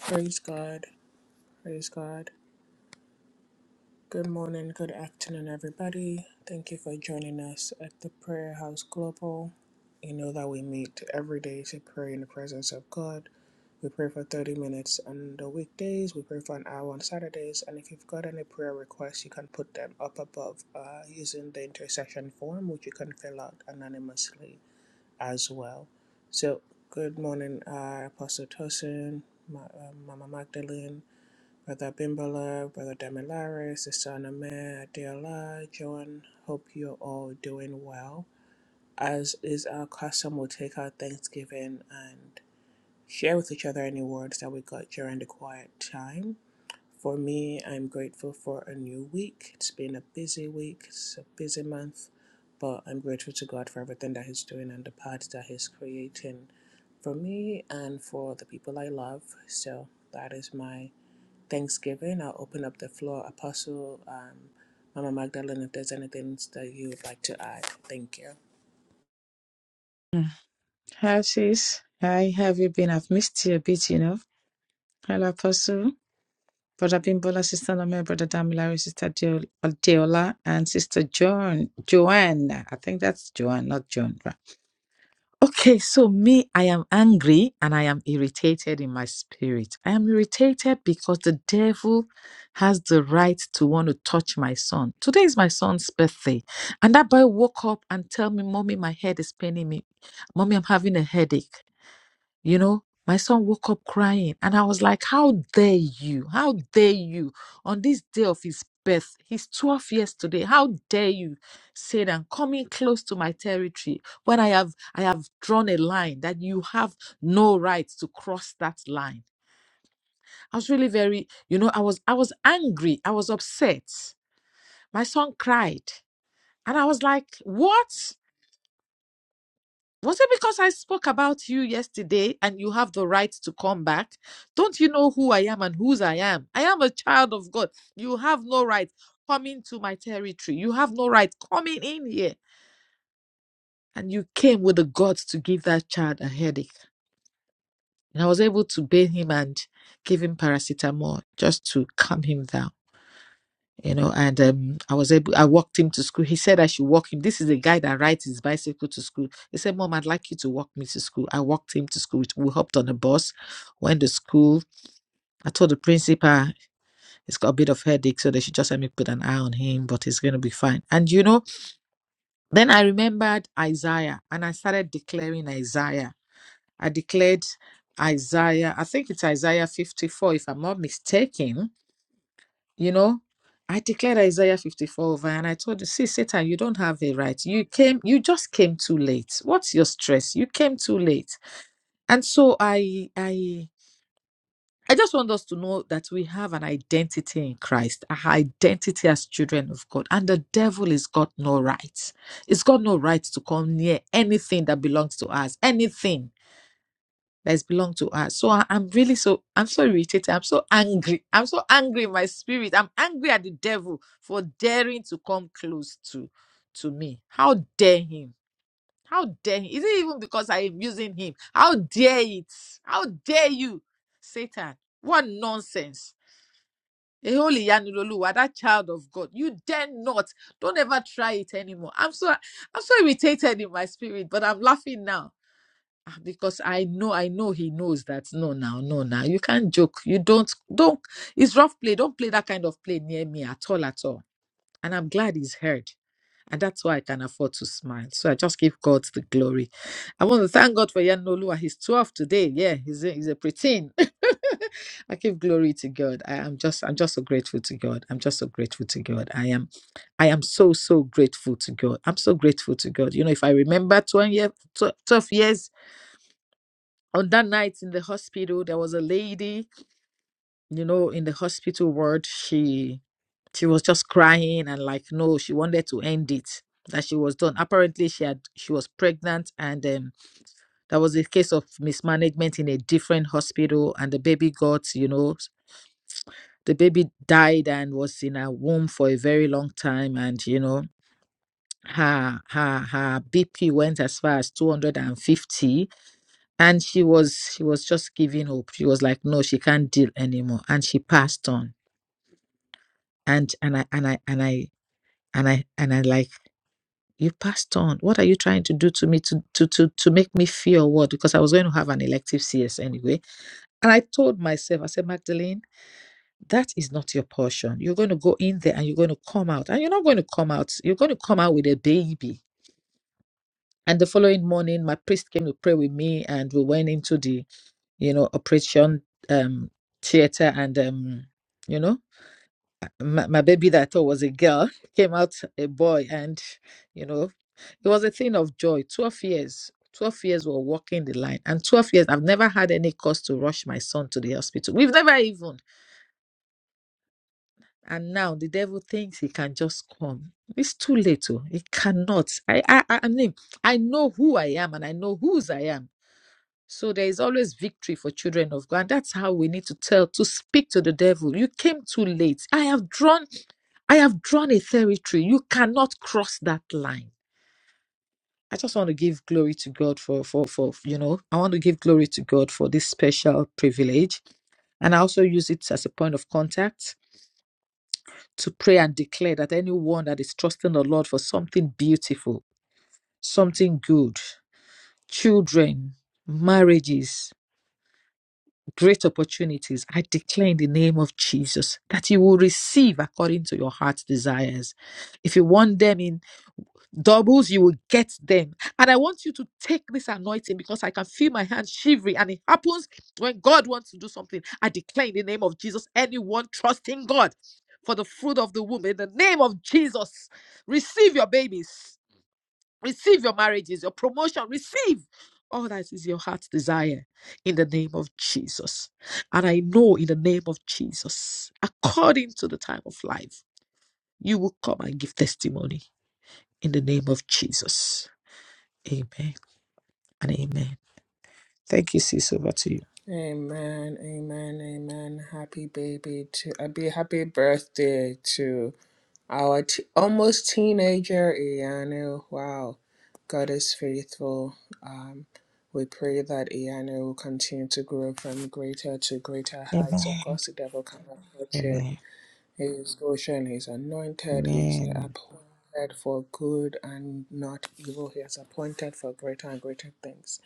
S1: Praise God. Praise God. Good morning, good afternoon, everybody. Thank you for joining us at the Prayer House Global. You know that we meet every day to pray in the presence of God. We pray for 30 minutes on the weekdays, we pray for an hour on Saturdays, and if you've got any prayer requests, you can put them up above uh, using the intercession form, which you can fill out anonymously as well. So, good morning, uh, Apostle Tosin, Ma- uh, Mama Magdalene. Brother Bimbala, Brother Damilare, Sister Aname, Adela, Joan, hope you're all doing well. As is our custom, we'll take our Thanksgiving and share with each other any words that we got during the quiet time. For me, I'm grateful for a new week. It's been a busy week, it's a busy month, but I'm grateful to God for everything that He's doing and the paths that He's creating for me and for the people I love. So that is my Thanksgiving. I'll open up the floor. Apostle, um, Mama Magdalene, if there's anything that you would like to add, thank you.
S2: Hi, sis. Hi, how have you been? I've missed you a bit, you know. Hello, Apostle. Brother Bimbola, Sister Nome, Brother Damilari, Sister Deo- Deola, and Sister Joan. Joanne. I think that's Joanne, not John. right. Okay, so me, I am angry and I am irritated in my spirit. I am irritated because the devil has the right to want to touch my son. Today is my son's birthday. And that boy woke up and tell me, Mommy, my head is paining me. Mommy, I'm having a headache. You know, my son woke up crying, and I was like, How dare you? How dare you? On this day of his birth, he's 12 years today. How dare you say that coming close to my territory when I have I have drawn a line that you have no right to cross that line. I was really very, you know, I was I was angry, I was upset. My son cried. And I was like, What? Was it because I spoke about you yesterday and you have the right to come back? Don't you know who I am and whose I am? I am a child of God. You have no right coming to my territory. You have no right coming in here. And you came with the guts to give that child a headache. And I was able to bathe him and give him paracetamol just to calm him down. you know and um, i was able i walked him to school he said i should walk him this is a guy that rides his bicycle to school he said mom i'd like you to walk me to school i walked him to school we hopped on a bus went to school i told the principal he's got a bit of headache so they should just let me put an eye on him but he's going to be fine and you know then i remembered isaiah and i started declaring isaiah i declared isaiah i think it's isaiah 54 if i'm not mistaken You know, I declared Isaiah 54 over and I told you, see, Satan, you don't have a right. You came, you just came too late. What's your stress? You came too late. And so I I I just want us to know that we have an identity in Christ, our identity as children of God. And the devil has got no rights. It's got no right to come near anything that belongs to us. Anything that is belong to us. So I, am really so I'm so irritated. I'm so angry. I'm so angry in my spirit. I'm angry at the devil for daring to come close to to me. How dare him? How dare he? Is it even because I am using him? How dare it? How dare you, Satan? What nonsense. A holy Yanuloluwa, that child of God. You dare not. Don't ever try it anymore. I'm so I'm so irritated in my spirit, but I'm laughing now Ah, because I know, I know he knows that no, now, no, now. You can't joke. You don't, don't. It's rough play. Don't play that kind of play near me at all, at all. And I'm glad he's heard. And that's why I can afford to smile. So I just give God the glory. I want to thank God for Yanolua. He's 12 today. Yeah, he's a, he's a preteen. I give glory to God. I am just, I'm just so grateful to God. I'm just so grateful to God. I am, I am so, so grateful to God. I'm so grateful to God. You know, if I remember 12 years, 12 years on that night in the hospital there was a lady you know in the hospital ward she she was just crying and like no she wanted to end it that she was done apparently she had she was pregnant and um, there was a case of mismanagement in a different hospital and the baby got you know the baby died and was in her womb for a very long time and you know her her her bp went as far as 250 and she was she was just giving up she was like no she can't deal anymore and she passed on and and i and i and i and i and i like you passed on what are you trying to do to me to to to, to make me fear or what because i was going to have an elective cs anyway and i told myself i said magdalene that is not your portion you're going to go in there and you're going to come out and you're not going to come out you're going to come out with a baby and the following morning my priest came to pray with me and we went into the you know, Operation um, Theater. And, um, you know, my, my baby that I thought was a girl came out a boy. And, you know, it was a thing of joy. 12 years. 12 years were walking the line. And 12 years, I've never had any cause to rush my son to the hospital. We've never even. And now the devil thinks he can just come. It's too late. Oh. He cannot. I, I, I I mean, I know who I am and I know whose I am. So there is always victory for children of God. And that's how we need to tell, to speak to the devil. You came too late. I have drawn, I have drawn a territory. You cannot cross that line. I just want to give glory to God for for for you know, I want to give glory to God for this special privilege. And I also use it as a point of contact to pray and declare that anyone that is trusting the Lord for something beautiful, something good, children, marriages, great opportunities, I declare in the name of Jesus that you will receive according to your heart's desires. If you want them in doubles, you will get them. And I want you to take this anointing because I can feel my hand shivering, and it happens when God wants to do something. I declare in the name of Jesus, anyone trusting God for the fruit of the womb, in the name of Jesus, receive your babies. Receive your marriages, your promotion. Receive all that is your heart's desire in the name of Jesus. And I know in the name of Jesus, according to the time of life, you will come and give testimony in the name of Jesus. Amen and amen. Thank you, sis. Over to you.
S1: Amen, amen, amen. Happy baby to a be happy birthday to our t- almost teenager Ianu. Wow, God is faithful. Um, we pray that Ianu will continue to grow from greater to greater
S2: Amen.
S1: heights. Of course, the devil cannot touch it.
S2: Amen.
S1: His portion is anointed, he is
S2: Amen.
S1: appointed for good and not evil. He is appointed for greater and greater things.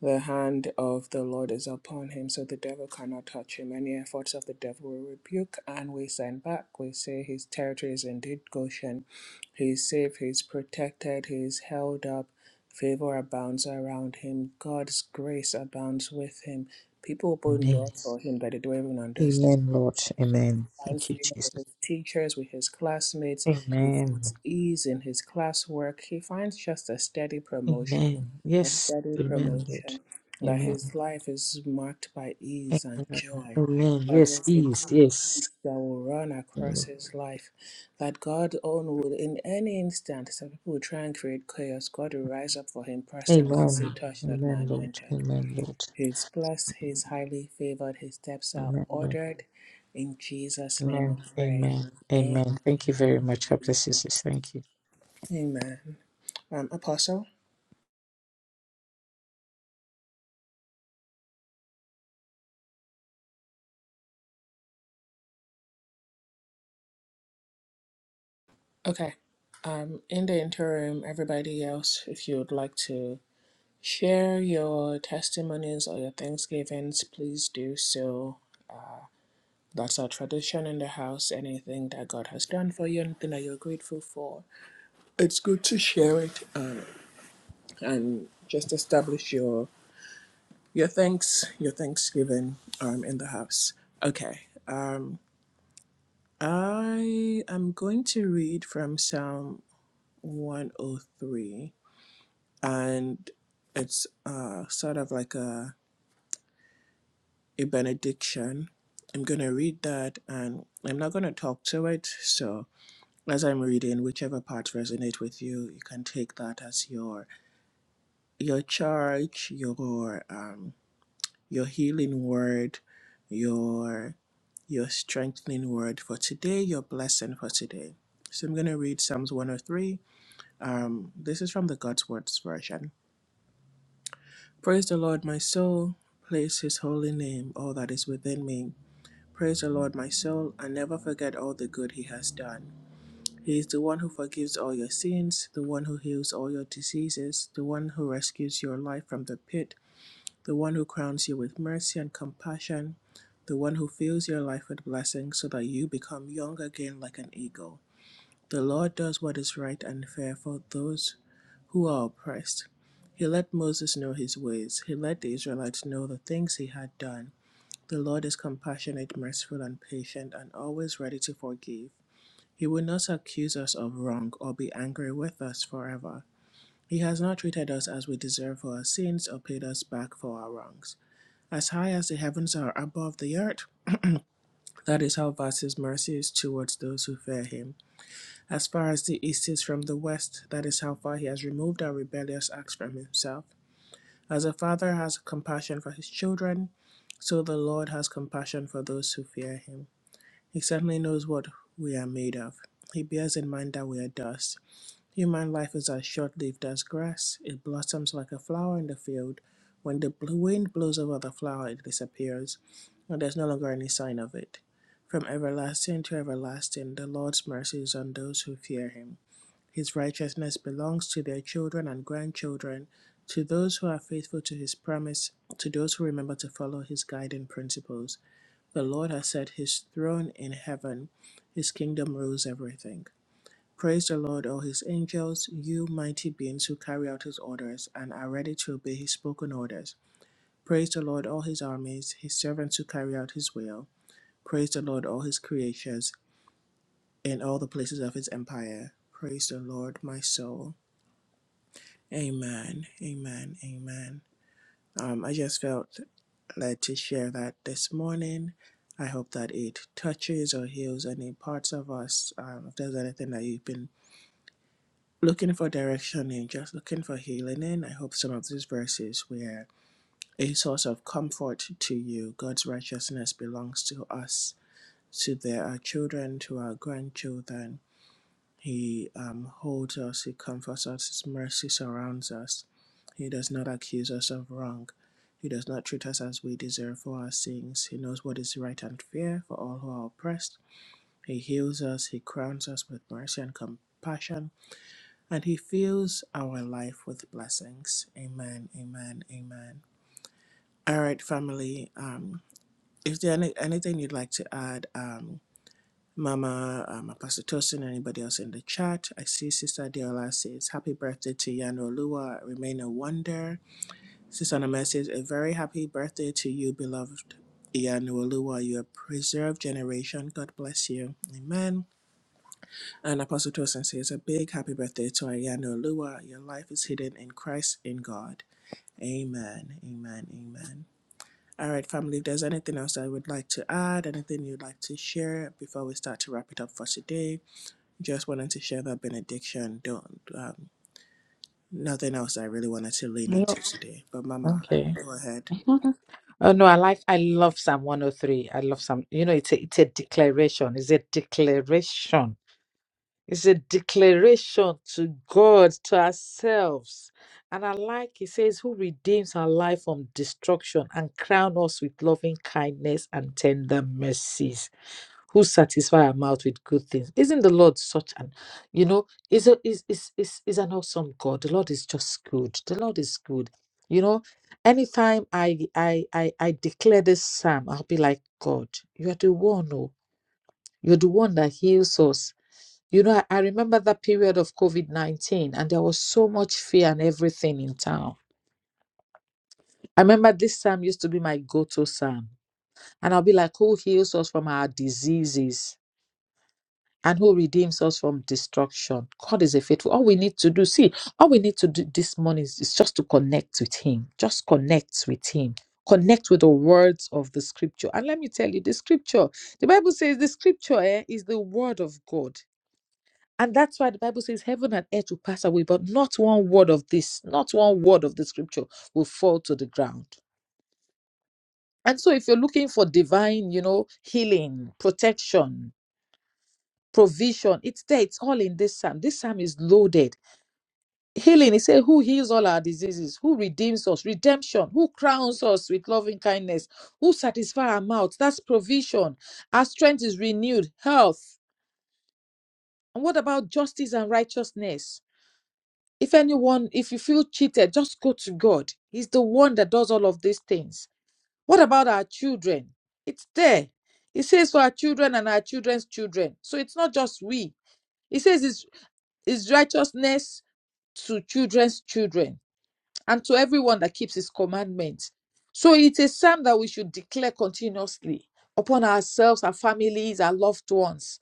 S1: The hand of the Lord is upon him, so the devil cannot touch him. Any efforts of the devil we rebuke and we send back. We say his territory is indeed Goshen. He is safe, he is protected, he is held up. Favor abounds around him. God's grace abounds with him. People open
S2: Amen.
S1: doors for him that they don't even understand
S2: Amen, Lord. Amen.
S1: finds
S2: Thank you,
S1: favor with
S2: Jesus.
S1: his teachers, with his classmates. He
S2: Amen.
S1: finds ease in his classwork. He finds just a steady promotion,
S2: Amen.
S1: a
S2: Yes.
S1: steady
S2: Amen, Lord.
S1: promotion, that
S2: Amen.
S1: his life is marked by ease and
S2: Amen.
S1: joy.
S2: Amen.
S1: But
S2: Yes,
S1: there's a
S2: please.
S1: deep
S2: Yes.
S1: that will run across
S2: Amen.
S1: his life that God own would in any instant. Some people would try and create chaos. God will rise up for him personally and say,
S2: Amen.
S1: Touch not my
S2: Amen, Lord.
S1: anointed.
S2: Amen, Lord.
S1: He is blessed, he highly favored, his steps are
S2: Amen. Lord.
S1: ordered. In Jesus' name
S2: Amen.
S1: I pray.
S2: Amen. Amen. Thank you very much. God
S1: Amen.
S2: bless you, sis. Thank you.
S1: Amen. Um, Apostle? Okay. Um, in the interim, everybody else, if you would like to share your testimonies or your thanksgivings, please do so. That's our tradition in the house. Anything that God has done for you, anything that you're grateful for, it's good to share it um, and just establish your Your thanks, your thanksgiving um, in the house. Okay. Um, I am going to read from Psalm 103, and it's uh, sort of like a, a benediction. I'm going to read that, and I'm not going to talk to it. So, as I'm reading, whichever parts resonate with you, you can take that as your your charge, your um, your healing word, your your strengthening word for today, your blessing for today. So I'm going to read Psalms 103. Um, this is from the God's Words version. Praise the Lord, my soul. Praise his holy name, all that is within me. Praise the Lord, my soul, and never forget all the good he has done. He is the one who forgives all your sins, the one who heals all your diseases, the one who rescues your life from the pit the one who crowns you with mercy and compassion, the one who fills your life with blessings so that you become young again like an eagle. The Lord does what is right and fair for those who are oppressed. He let Moses know his ways. He let the Israelites know the things he had done. The Lord is compassionate, merciful, and patient, and always ready to forgive. He will not accuse us of wrong or be angry with us forever. He has not treated us as we deserve for our sins or paid us back for our wrongs. As high as the heavens are above the earth, that is how vast his mercy is towards those who fear him. As far as the east is from the west, that is how far he has removed our rebellious acts from himself. As a father has compassion for his children, so the Lord has compassion for those who fear him. He certainly knows what we are made of. He bears in mind that we are dust. Human life is as short lived as grass. It blossoms like a flower in the field. When the wind blows over the flower, it disappears, and there's no longer any sign of it. From everlasting to everlasting, the Lord's mercy is on those who fear him. His righteousness belongs to their children and grandchildren, to those who are faithful to his promise, to those who remember to follow his guiding principles. The Lord has set his throne in heaven, his kingdom rules everything. Praise the Lord, all his angels, you mighty beings who carry out his orders and are ready to obey his spoken orders. Praise the Lord, all his armies, his servants who carry out his will. Praise the Lord, all his creatures, in all the places of his empire. Praise the Lord, my soul. Amen, amen, amen. Um, I just felt led to share that this morning. I hope that it touches or heals any parts of us. Um, if there's anything that you've been looking for direction and just looking for healing in. I hope some of these verses were a source of comfort to you. God's righteousness belongs to us, to their our children, to our grandchildren. He um, holds us, He comforts us, His mercy surrounds us. He does not accuse us of wrong. He does not treat us as we deserve for our sins. He knows what is right and fair for all who are oppressed. He heals us, He crowns us with mercy and compassion and He fills our life with blessings. Amen, amen, amen. All right, family. Um, if there any, anything you'd like to add, um, Mama, um, Pastor Tosin, anybody else in the chat? I see Sister Diola says, Happy birthday to Yano Lua, remain a wonder. Sister Nama says, A very happy birthday to you, beloved Yano Lua. You are preserved generation. God bless you. Amen. And Apostle Tosin says, A big happy birthday to Ayano Lua. Your life is hidden in Christ in God. Amen. Amen. Amen. All right, family, if there's anything else that I would like to add, anything you'd like to share before we start to wrap it up for today, just wanted to share that benediction. Don't, um, nothing else I really wanted to lean
S2: Yeah.
S1: into today. But, Mama,
S2: Okay.
S1: go ahead.
S2: Oh no, I like I love Psalm 103. I love Psalm. You know, it's a it's a declaration. It's a declaration. It's a declaration to God, to ourselves. And I like it says, Who redeems our life from destruction and crown us with loving kindness and tender mercies. Who satisfy our mouth with good things. Isn't the Lord such an you know, is a is is is is an awesome God. The Lord is just good. The Lord is good. You know, anytime I I I, I declare this psalm, I'll be like, God, you are the one. Oh, you're the one that heals us. You know, I, I remember that period of COVID 19 and there was so much fear and everything in town. I remember this psalm used to be my go to psalm. And I'll be like, Who heals us from our diseases and who redeems us from destruction? God is a faithful. All we need to do, see, all we need to do this morning is, is just to connect with Him. Just connect with Him. Connect with the words of the scripture. And let me tell you, the scripture, the Bible says the scripture eh, is the word of God And that's why the Bible says heaven and earth will pass away, but not one word of this, not one word of the scripture will fall to the ground. And so if you're looking for divine, you know, healing, protection, provision, it's there, it's all in this psalm. This psalm is loaded. Healing, he said, who heals all our diseases, who redeems us, redemption, who crowns us with loving kindness, who satisfies our mouth. That's provision. Our strength is renewed, health. And what about justice and righteousness? If anyone, if you feel cheated, just go to God. He's the one that does all of these things. What about our children? It's there. It says for our children and our children's children. So it's not just we. It says it's, it's righteousness to children's children and to everyone that keeps his commandments. So it's a psalm that we should declare continuously upon ourselves, our families, our loved ones,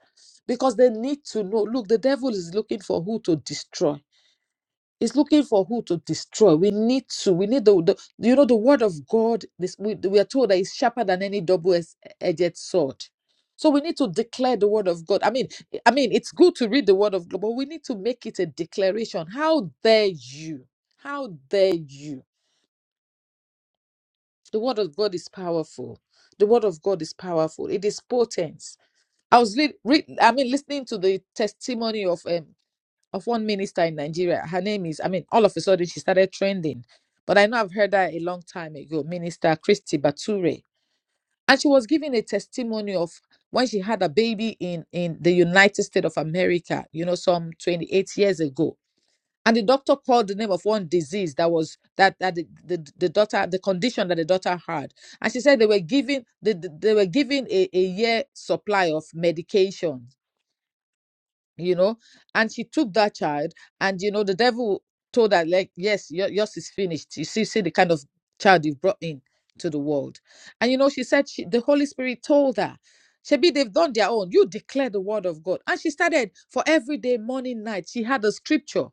S2: because they need to know look, the devil is looking for who to destroy is looking for who to destroy. We need to. We need the, the you know the word of God. This we, we are told that is sharper than any double-edged sword. So we need to declare the word of God. I mean, I mean, it's good to read the word of God, but we need to make it a declaration. How dare you? How dare you? The word of God is powerful. The word of God is powerful. It is potent. I was read, read, I mean, listening to the testimony of um, of one minister in Nigeria. Her name is, I mean, all of a sudden she started trending. But I know I've heard her a long time ago, Minister Christy Bature. And she was giving a testimony of when she had a baby in, in the United States of America, you know, some 28 years ago. And the doctor called the name of one disease that was that that the, the, the daughter the condition that the daughter had. And she said they were giving the, the- they were giving a, a year supply of medication you know and she took that child and you know the devil told her like yes your, yours is finished you see see the kind of child you've brought in to the world and you know she said she, the holy spirit told her Shebi, they've done their own. You declare the word of God. And she started for every day, morning, night. She had a scripture.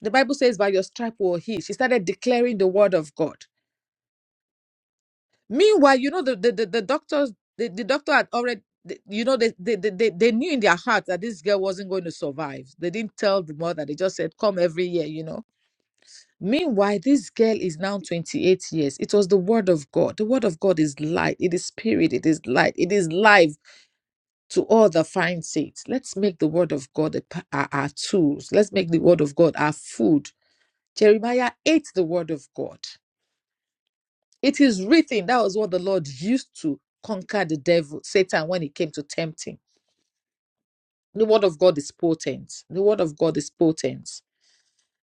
S2: The Bible says, by your stripe will he. She started declaring the word of God Meanwhile, you know the the, the, the doctors the, the doctor had already the- you know they, they they they they knew in their heart that this girl wasn't going to survive. They didn't tell the mother. They just said come every year, you know. Meanwhile, this girl is now 28 years. It was the word of God. The word of God is light. It is spirit. It is light. It is life to all the fine saints. Let's make the word of God a pa- our, our tools. Let's make the word of God our food. Jeremiah ate the word of God. It is written that was what the Lord used to conquer the devil, Satan, when he came to tempt him. The word of God is potent. The word of God is potent.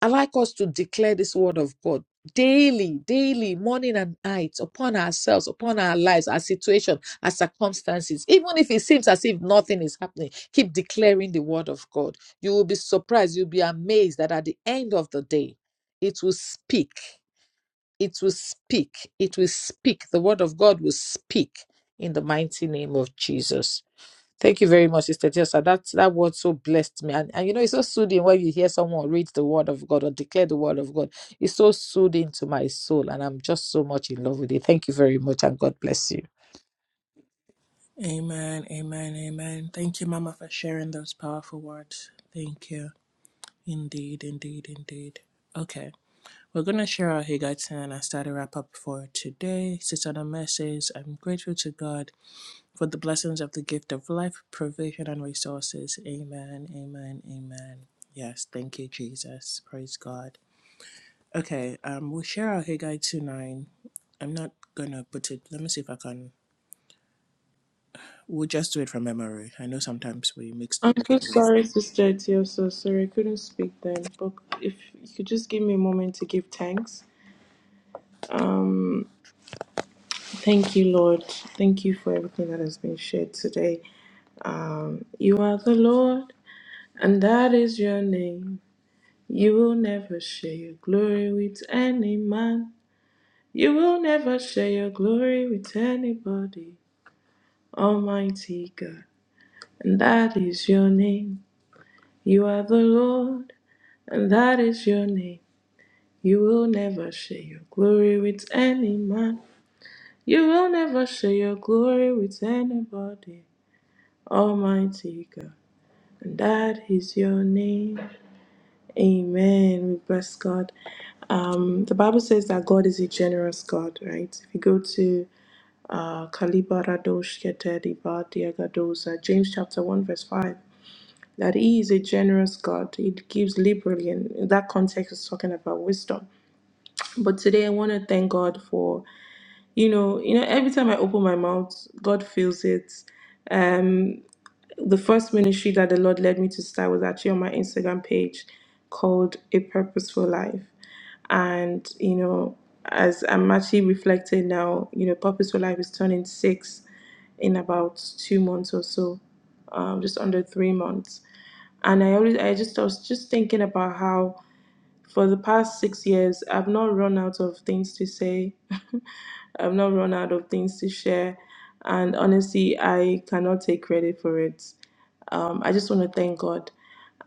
S2: I like us to declare this word of God daily, daily, morning and night upon ourselves, upon our lives, our situation, our circumstances. Even if it seems as if nothing is happening, keep declaring the word of God. You will be surprised, you'll be amazed that at the end of the day, it will speak it will speak. It will speak. The word of God will speak in the mighty name of Jesus. Thank you very much, Sister Jessa. That that word so blessed me, and, and you know it's so soothing when you hear someone read the word of God or declare the word of God. It's so soothing to my soul, and I'm just so much in love with it. Thank you very much, and God bless you.
S1: Amen. Amen. Amen. Thank you, Mama, for sharing those powerful words. Thank you. Indeed, indeed, indeed. Okay. We're going to share our Hagaitan and start a wrap up for today. Sister Adama says, I'm grateful to God for the blessings of the gift of life, provision, and resources. Amen, amen, amen. Yes, thank you, Jesus. Praise God. Okay, um, we'll share our Haggai 2 9. I'm not going to put it, let me see if I can. We'll just do it from memory. I know sometimes we mix the
S3: I'm so
S1: different verses.
S3: sorry, Sister Etio. So sorry, I couldn't speak then. But if you could just give me a moment to give thanks. Um, thank you, Lord. Thank you for everything that has been shared today. Um, you are the Lord, and that is your name. You will never share your glory with any man. You will never share your glory with anybody. Almighty God, and that is your name. You are the Lord, and that is your name. You will never share your glory with any man. You will never share your glory with anybody. Almighty God. And that is your name. Amen. We bless God. Um, the Bible says that God is a generous God, right? If you go to uh, Kalibaradosh Keteriba Diagadosa, James chapter 1, verse 5, that He is a generous God. He gives liberally, and in that context, is talking about wisdom. But today, I want to thank God for. you know you know every time i open my mouth god feels it um the first ministry that the lord led me to start was actually on my instagram page called a purposeful life and you know as i'm actually reflecting now you know purposeful life is turning six in about two months or so um, just under three months and i always i just I was just thinking about how for the past six years, I've not run out of things to say. I've not run out of things to share. And honestly, I cannot take credit for it. Um, I just want to thank God.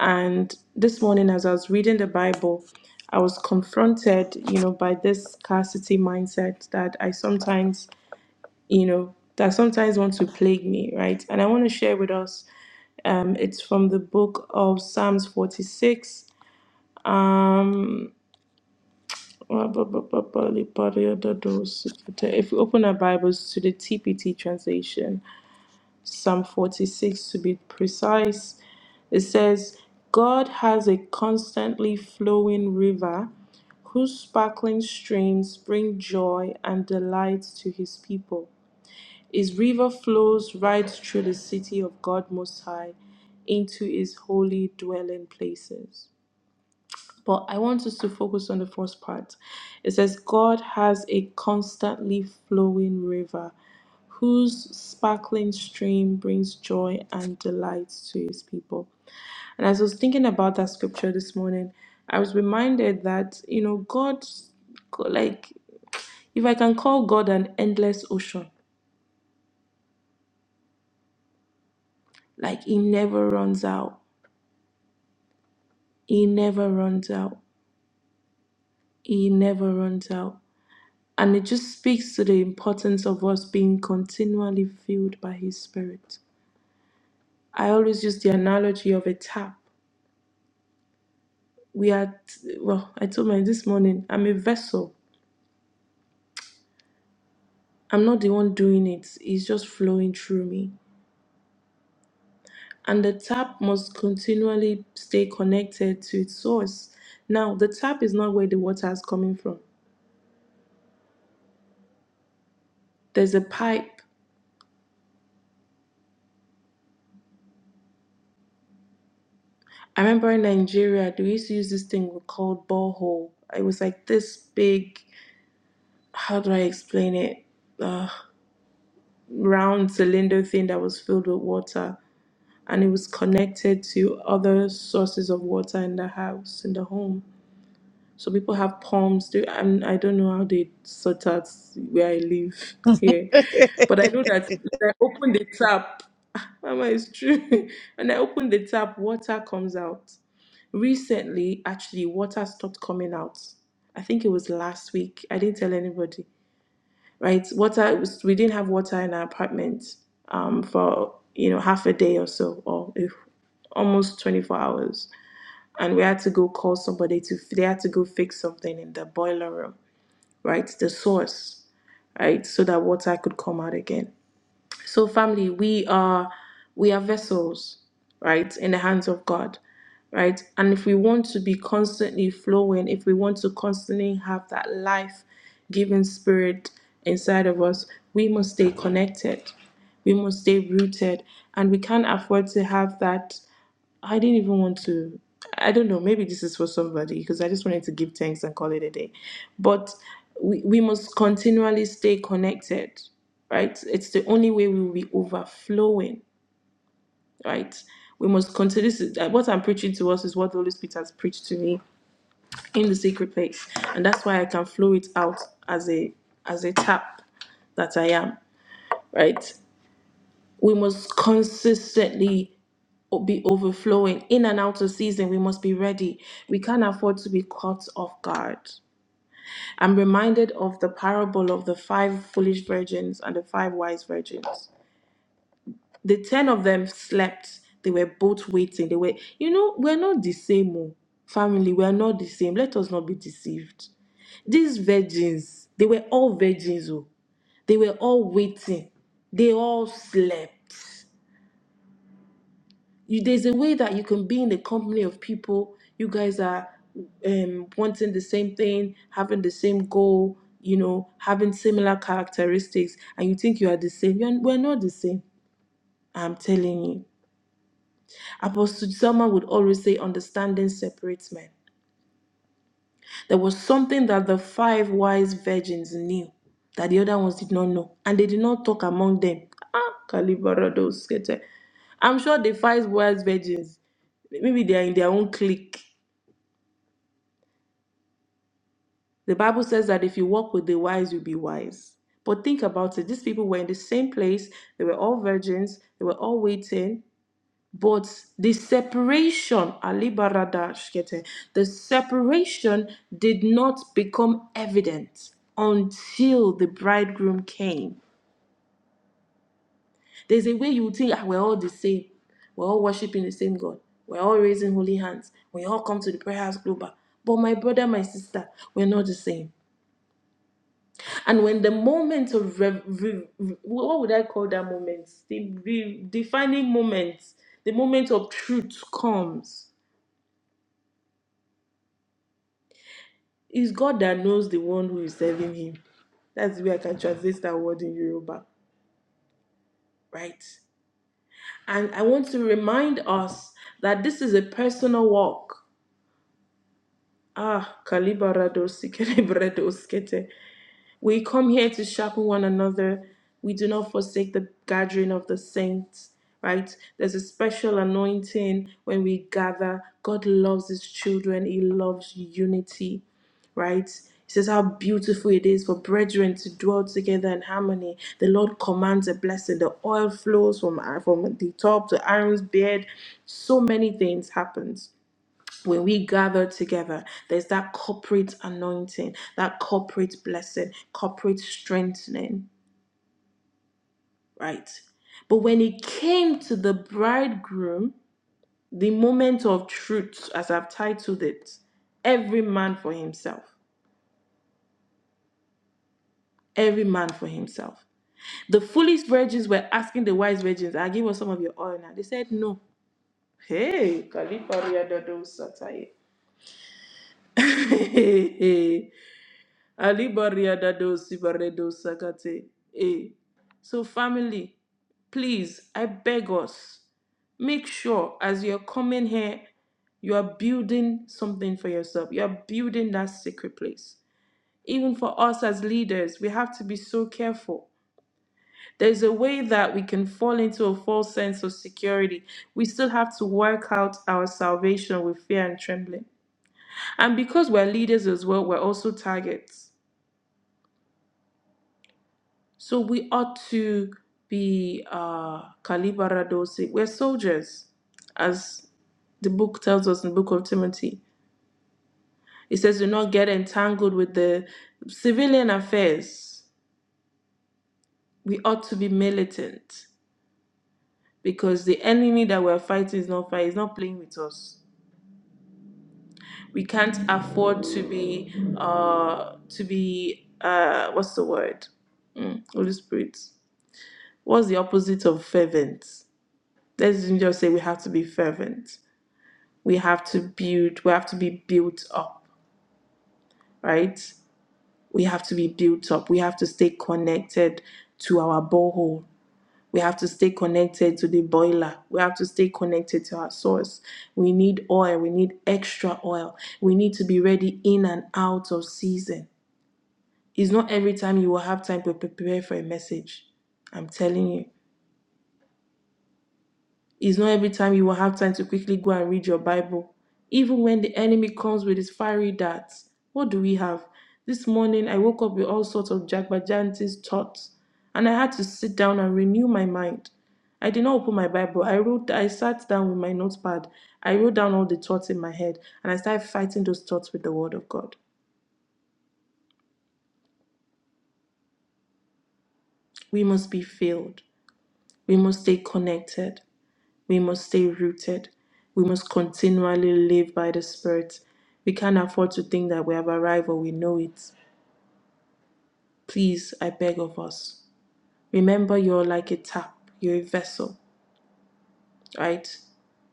S3: And this morning, as I was reading the Bible, I was confronted, you know, by this scarcity mindset that I sometimes, you know, that sometimes want to plague me, right? And I want to share with us. Um, it's from the book of Psalms 46. Um, if we open our Bibles to the TPT translation, Psalm 46 to be precise, it says, God has a constantly flowing river whose sparkling streams bring joy and delight to his people. His river flows right through the city of God Most High into his holy dwelling places. But I want us to focus on the first part. It says, God has a constantly flowing river whose sparkling stream brings joy and delight to his people. And as I was thinking about that scripture this morning, I was reminded that, you know, God, like, if I can call God an endless ocean, like, He never runs out. He never runs out. He never runs out. And it just speaks to the importance of us being continually filled by His Spirit. I always use the analogy of a tap. We are, t- well, I told my this morning, I'm a vessel. I'm not the one doing it, it's just flowing through me. And the tap must continually stay connected to its source. Now, the tap is not where the water is coming from, there's a pipe. I remember in Nigeria, they used to use this thing we called borehole. It was like this big. how do I explain it? Uh, round cylinder thing that was filled with water, and it was connected to other sources of water in the house, in the home. So people have pumps. Do and I don't know how they sort out where I live here, but I know that when I open the tap, Mama, it's true. and I open the tap, water comes out. Recently, actually, water stopped coming out. I think it was last week. I didn't tell anybody right? Water we didn't have water in our apartment um, for you know half a day or so, or if, almost 24 hours, and we had to go call somebody to they had to go fix something in the boiler room, right? The source, right, so that water could come out again. So, family, we are we are vessels, right, in the hands of God, right? And if we want to be constantly flowing, if we want to constantly have that life-giving spirit inside of us, we must stay connected. We must stay rooted, and we can't afford to have that. I didn't even want to. I don't know. Maybe this is for somebody because I just wanted to give thanks and call it a day. But we, we must continually stay connected, right? It's the only way we will be overflowing, right? We must continue. This is, uh, what I'm preaching to us is what the Holy Spirit has preached to me in the secret place, and that's why I can flow it out as a as a tap that I am, right? We must consistently be overflowing in and out of season we must be ready we can't afford to be caught off guard i'm reminded of the parable of the five foolish virgins and the five wise virgins the ten of them slept they were both waiting they were you know we're not the same oh. family we're not the same let us not be deceived these virgins they were all virgins oh. they were all waiting they all slept you, there's a way that you can be in a company of people you guys are um, wanting the same thing having the same goal you know having similar characteristics and you think you are the same You're, we're not the same i'm telling you apostle Selma would always say understanding separates men there was something that the five wise virgins knew that the other ones did not know, and they did not talk among them. Ah, Kalibarado skete. I'm sure the five wise virgins, maybe they are in their own clique. The Bible says that if you walk with the wise, you'll be wise. But think about it. These people were in the same place. They were all virgins. They were all waiting. But the separation, Ali Barada the separation did not become evident until the bridegroom came. There's a way you would think, ah, we're all the same. We're all worshiping the same God. We're all raising holy hands. We all come to the prayer house global. But my brother, my sister, we're not the same. And when the moment of re- re- re- what would I call that moment? The re- defining moment, the moment of truth comes. It's God that knows the one who is serving Him. That's the way I can translate that word in Yoruba, right? And I want to remind us that this is a personal walk. Ah, kalibarado sikelebrado skete. We come here to sharpen one another. We do not forsake the gathering of the saints, right? There's a special anointing when we gather. God loves his children, he loves unity, right? He says how beautiful it is for brethren to dwell together in harmony. The Lord commands a blessing. The oil flows from, from the top to Aaron's beard. So many things happens when we gather together, there's that corporate anointing, that corporate blessing, corporate strengthening, right? But when it came to the bridegroom, the moment of truth, as I've titled it, every man for himself, every man for himself. The foolish virgins were asking the wise virgins, I give us some of your oil now. They said, No. Hey, Kalifaria Dodo Sataye. Ali Bariadado Sibaredo Sakate. Eh. So, family, please, I beg us, make sure as you're coming here, you are building something for yourself. You are building that secret place. Even for us as leaders, we have to be so careful. There's a way that we can fall into a false sense of security. We still have to work out our salvation with fear and trembling. And because we're leaders as well, we're also targets. So we ought to be uh, kalibaradosi. We're soldiers, as the book tells us in the book of Timothy. It says, do not get entangled with the civilian affairs. We ought to be militant because the enemy that we're fighting is not fighting, is not playing with us. We can't afford to be, uh, to be, uh, what's the word? Mm, Holy Spirit. What's the opposite of fervent? let's just say we have to be fervent. We have to build, we have to be built up, right? We have to be built up. We have to stay connected to our borehole. We have to stay connected to the boiler. We have to stay connected to our source. We need oil. We need extra oil. We need to be ready in and out of season. It's not every time you will have time to prepare for a message. I'm telling you. It's not every time you will have time to quickly go and read your Bible. Even when the enemy comes with his fiery darts, what do we have? This morning I woke up with all sorts of Jagbajantis thoughts, and I had to sit down and renew my mind. I did not open my Bible. I wrote I sat down with my notepad. I wrote down all the thoughts in my head and I started fighting those thoughts with the word of God. We must be filled. We must stay connected. We must stay rooted. We must continually live by the Spirit. We can't afford to think that we have arrived or we know it. Please, I beg of us. Remember, you're like a tap, you're a vessel, right?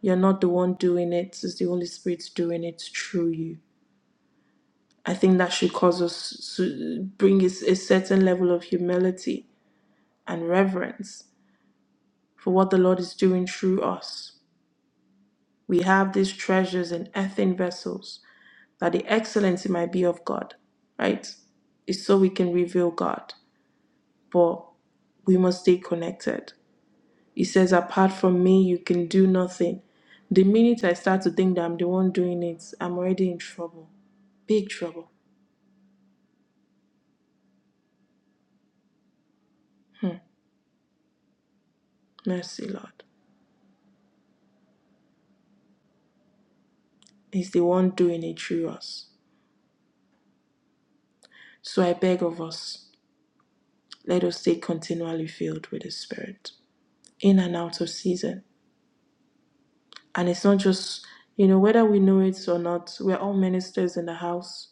S3: You're not the one doing it, it's the Holy Spirit doing it through you. I think that should cause us to bring us a certain level of humility and reverence for what the Lord is doing through us. We have these treasures in earthen vessels that the excellency might be of God, right? It's so we can reveal God, but we must stay connected. He says, apart from me, you can do nothing. The minute I start to think that I'm the one doing it, I'm already in trouble. Big trouble. Hmm. Mercy, Lord. He's the one doing it through us. So I beg of us, let us stay continually filled with the Spirit, in and out of season. And it's not just, you know, whether we know it or not, we're all ministers in the house.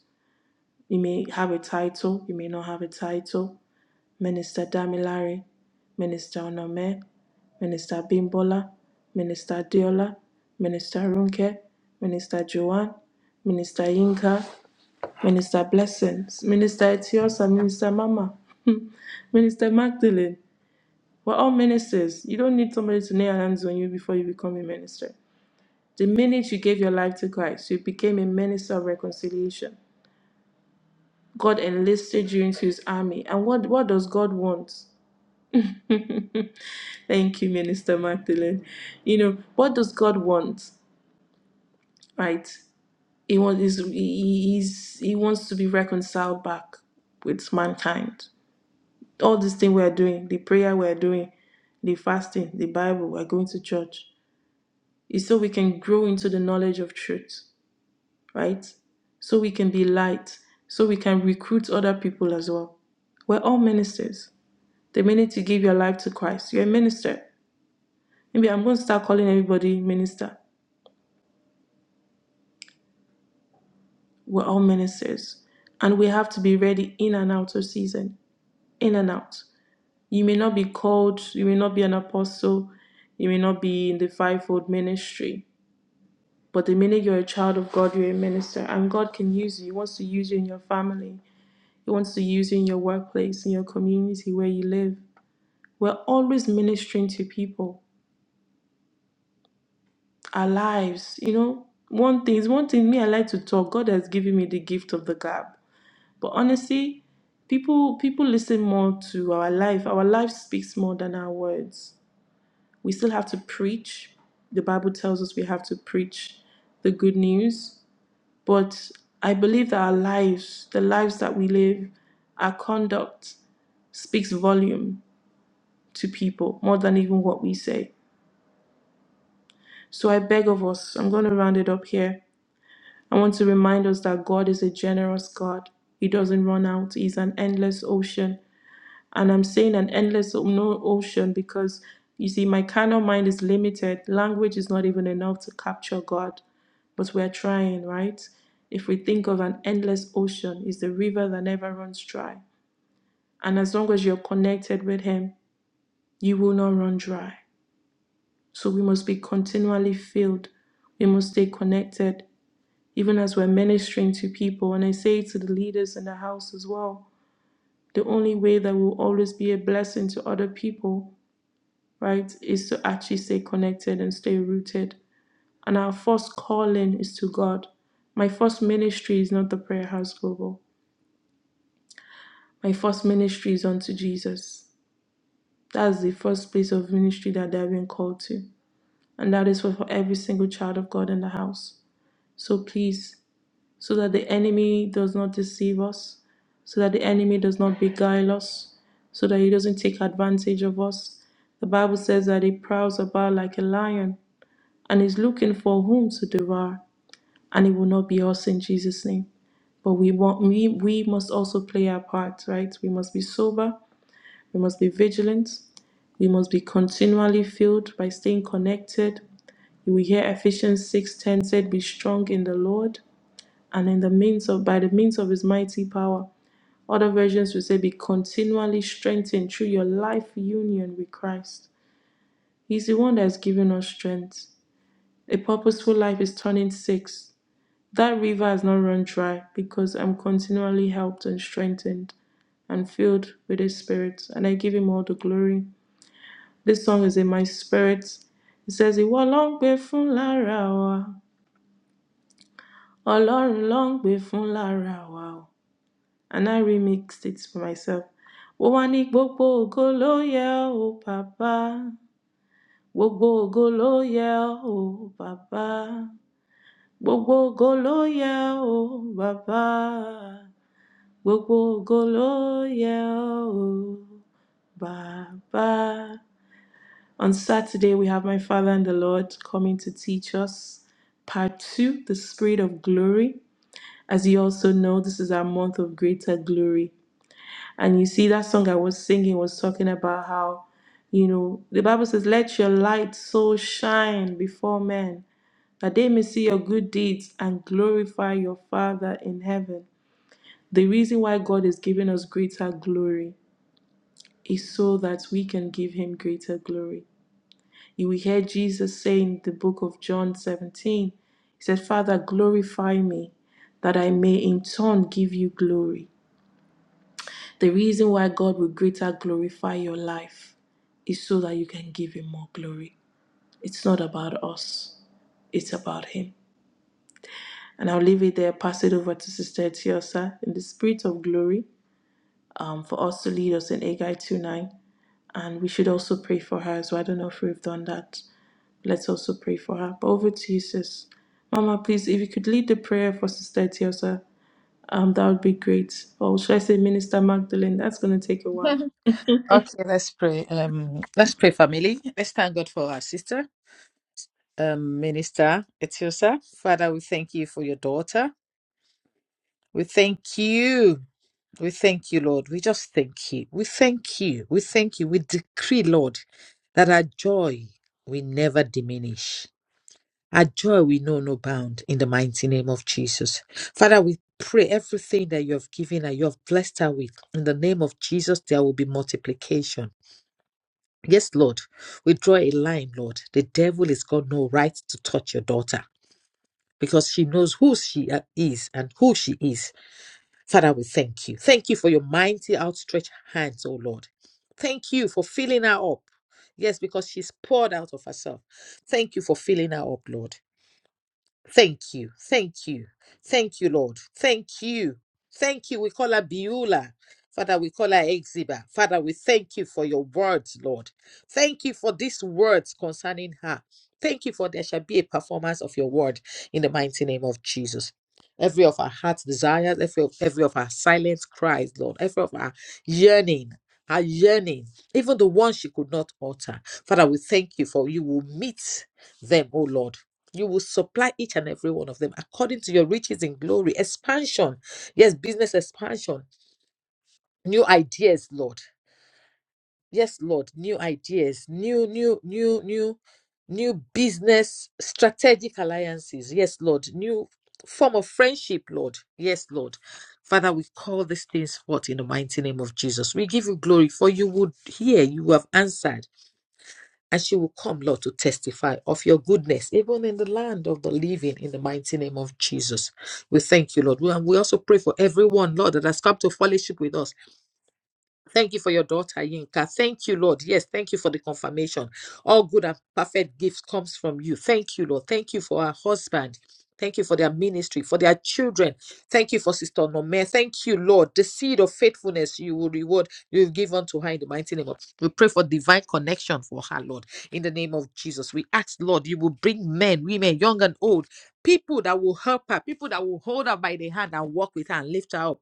S3: You may have a title, you may not have a title. Minister Damilare, Minister Onome, Minister Bimbola, Minister Diola, Minister Runke, Minister Joanne, Minister Yinka, Minister Blessings, Minister Etiosa, Minister Mama, Minister Magdalene. We're all ministers. You don't need somebody to nail hands on you before you become a minister. The minute you gave your life to Christ, you became a minister of reconciliation. God enlisted you into his army. And what, what does God want? Thank you, Minister Magdalene. You know, what does God want? Right? He wants he's, he- he's, he wants to be reconciled back with mankind. All this thing we are doing, the prayer we are doing, the fasting, the Bible, we're going to church, is so we can grow into the knowledge of truth, right? So we can be light, so we can recruit other people as well. We're all ministers. The minute you give your life to Christ, you're a minister. Maybe I'm going to start calling everybody minister. We're all ministers. And we have to be ready in and out of season, in and out. You may not be called, you may not be an apostle, you may not be in the fivefold ministry. But the minute you're a child of God, you're a minister. And God can use you. He wants to use you in your family, He wants to use you in your workplace, in your community where you live. We're always ministering to people our lives. You know, one thing is one thing. Me, I like to talk. God has given me the gift of the gap. But honestly, people people listen more to our life. Our life speaks more than our words. We still have to preach. The Bible tells us we have to preach the good news. But I believe that our lives, the lives that we live, our conduct speaks volume to people more than even what we say. So I beg of us, I'm going to round it up here I want to remind us that God is a generous God. He doesn't run out. He's an endless ocean. And I'm saying an endless o- no ocean because you see, my carnal mind is limited. Language is not even enough to capture God. But we're trying, right? If we think of an endless ocean, it's the river that never runs dry. And as long as you're connected with Him, you will not run dry. So we must be continually filled. We must stay connected. even as we're ministering to people. And I say to the leaders in the house as well the only way that will always be a blessing to other people, right, is to actually stay connected and stay rooted. And our first calling is to God. My first ministry is not the Prayer House Global. My first ministry is unto Jesus. That's the first place of ministry that they've been called to. And that is for for every single child of God in the house. So please so that the enemy does not deceive us, so that the enemy does not beguile us, so that he doesn't take advantage of us. The Bible says that he prowls about like a lion and is looking for whom to devour, and it will not be us in Jesus' name. But we want we we must also play our part, right? We must be sober, we must be vigilant, we must be continually filled by staying connected. We hear Ephesians 6:10 said, Be strong in the Lord and in the means of by the means of his mighty power. Other versions will say be continually strengthened through your life union with Christ. He's the one that has given us strength. A purposeful life is turning six. That river has not run dry because I'm continually helped and strengthened and filled with his spirit, and I give him all the glory. This song is in my spirit. It says, Ìwọ ló ń gbé fún lára wa, Ọlọ́run ló ń gbé fún lára wa o. and I remixed it for myself. Ó wá ní gbogbo ògo ló yẹ ó bàbá. Gbogbo ògo ló yẹ ó bàbá. Gbogbo ògo ló yẹ ó bàbá. Gbogbo ògo ló yẹ ó bàbá. On Saturday, we have my Father and the Lord coming to teach us part two, the Spirit of Glory. As you also know, this is our month of greater glory. And you see, that song I was singing was talking about how, you know, the Bible says, Let your light so shine before men that they may see your good deeds and glorify your Father in heaven. The reason why God is giving us greater glory is so that we can give Him greater glory. You will hear Jesus say in the book of John 17, He said, Father, glorify me, that I may in turn give you glory. The reason why God will greater glorify your life is so that you can give Him more glory. It's not about us, it's about Him. And I'll leave it there, pass it over to Sister Tiosa in the spirit of glory um, for us to lead us in Agai 2.9. And we should also pray for her as well. I don't know if we've done that. Let's also pray for her. But over to you, sis. Mama, please, if you could lead the prayer for Sister Tiosa, um, that would be great. Or should I say Minister Magdalene? That's going to take a while.
S2: Okay, let's pray. Um, let's pray, family. Let's thank God for our sister, um, Minister Etiosa. Father, we thank you for your daughter. We thank you. We thank you, Lord. We just thank you. We thank you. We thank you. We decree, Lord, that our joy will never diminish. Our joy we know no bound in the mighty name of Jesus. Father, we pray everything that you have given and you have blessed her with. In the name of Jesus, there will be multiplication. Yes, Lord, we draw a line, Lord. The devil has got no right to touch your daughter because she knows who she uh, is and who she is. Father, we thank you. Thank you for your mighty outstretched hands, oh Lord. Thank you for filling her up. Yes, because she's poured out of herself. Thank you for filling her up, Lord. Thank you. Thank you. Thank you, Lord. Thank you. Thank you. We call her Beulah. Father, we call her Exiba. Father, we thank you for your words, Lord. Thank you for these words concerning her. Thank you for there shall be a performance of your word in the mighty name of Jesus. Every of our heart's desires, every of, every of our silent cries, Lord, every of our yearning, our yearning, even the ones she could not utter. Father, we thank you for you will meet them, oh Lord. You will supply each and every one of them according to your riches in glory. Expansion. Yes, business expansion. New ideas, Lord. Yes, Lord. New ideas. New, new, new, new, new business strategic alliances. Yes, Lord. New form of friendship, Lord. Yes, Lord. Father, we call these things forth in the mighty name of Jesus. We give you glory, for you would hear, you have answered and she will come, Lord, to testify of your goodness, even in the land of the living, in the mighty name of Jesus. We thank you, Lord. And we also pray for everyone, Lord, that has come to fellowship with us. Thank you for your daughter, Yinka. Thank you, Lord. Yes, thank you for the confirmation. All good and perfect gifts comes from you. Thank you, Lord. Thank you for our husband. Thank you for their ministry, for their children. Thank you for Sister Nome. Thank you, Lord. The seed of faithfulness you will reward, you will give unto her in the mighty name of. We pray for divine connection for her, Lord, in the name of Jesus. We ask, Lord, you will bring men, women, young and old, people that will help her, people that will hold her by the hand and walk with her and lift her up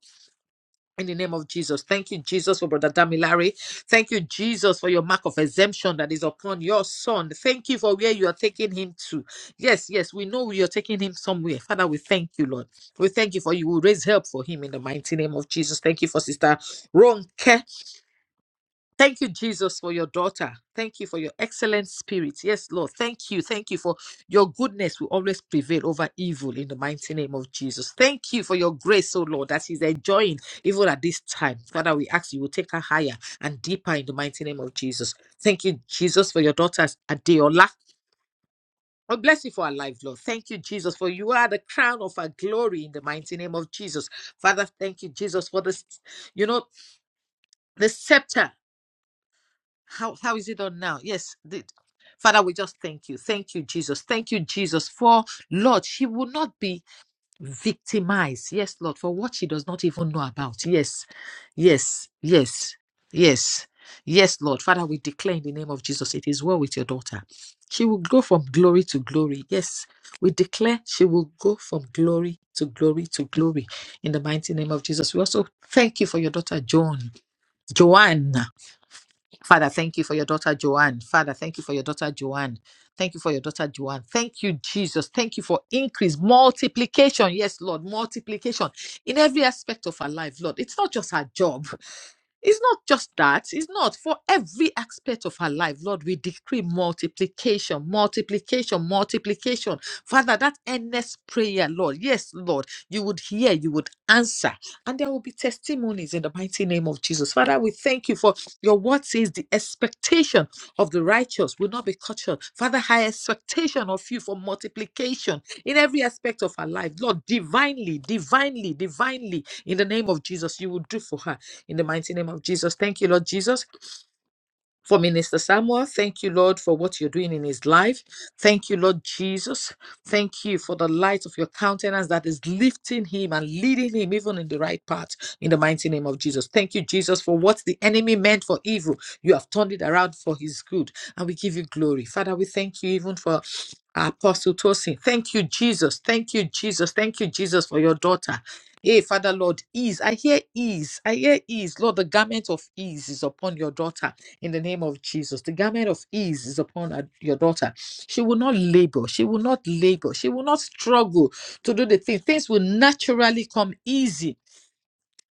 S2: in the name of Jesus. Thank you, Jesus, for Brother Damilare. Thank you, Jesus, for your mark of exemption that is upon your son. Thank you for where you are taking him to. Yes, yes, we know you're taking him somewhere. Father, we thank you, Lord. We thank you for you will raise help for him in the mighty name of Jesus. Thank you for Sister Ronke. Thank you, Jesus, for your daughter. Thank you for your excellent spirit. Yes, Lord. Thank you. Thank you for your goodness will always prevail over evil in the mighty name of Jesus. Thank you for your grace, oh Lord, that she's enjoying even at this time. Father, we ask you will take her higher and deeper in the mighty name of Jesus. Thank you, Jesus, for your daughter's Adeola. Oh, bless you for her life, Lord. Thank you, Jesus, for you are the crown of our glory in the mighty name of Jesus. Father, thank you, Jesus, for this, you know, the scepter how how is it done now yes the, father we just thank you thank you jesus thank you jesus for lord she will not be victimized yes lord for what she does not even know about yes yes yes yes yes lord father we declare in the name of jesus it is well with your daughter she will go from glory to glory yes we declare she will go from glory to glory to glory in the mighty name of jesus we also thank you for your daughter joan joanne Father, thank you for your daughter Joanne. Father, thank you for your daughter Joanne. Thank you for your daughter Joanne. Thank you, Jesus. Thank you for increase, multiplication. Yes, Lord, multiplication in every aspect of her life, Lord. It's not just her job. It's not just that. It's not for every aspect of our life, Lord. We decree multiplication, multiplication, multiplication. Father, that earnest prayer, Lord. Yes, Lord. You would hear, you would answer, and there will be testimonies in the mighty name of Jesus. Father, we thank you for your word says the expectation of the righteous will not be cut short. Father, high expectation of you for multiplication in every aspect of our life, Lord. Divinely, divinely, divinely, in the name of Jesus, you will do for her in the mighty name of Jesus. Thank you, Lord Jesus for Minister Samuel. Thank you, Lord, for what you're doing in his life. Thank you, Lord Jesus. Thank you for the light of your countenance that is lifting him and leading him even in the right path in the mighty name of Jesus. Thank you, Jesus, for what the enemy meant for evil. You have turned it around for his good, and we give you glory. Father, we thank you even for. Apostle Tosin, thank you, Jesus. Thank you, Jesus. Thank you, Jesus, for your daughter. Hey, Father, Lord, ease. I hear ease. I hear ease. Lord, the garment of ease is upon your daughter in the name of Jesus. The garment of ease is upon her- your daughter. She will not labor. She will not labor. She will not struggle to do the thing. Things will naturally come easy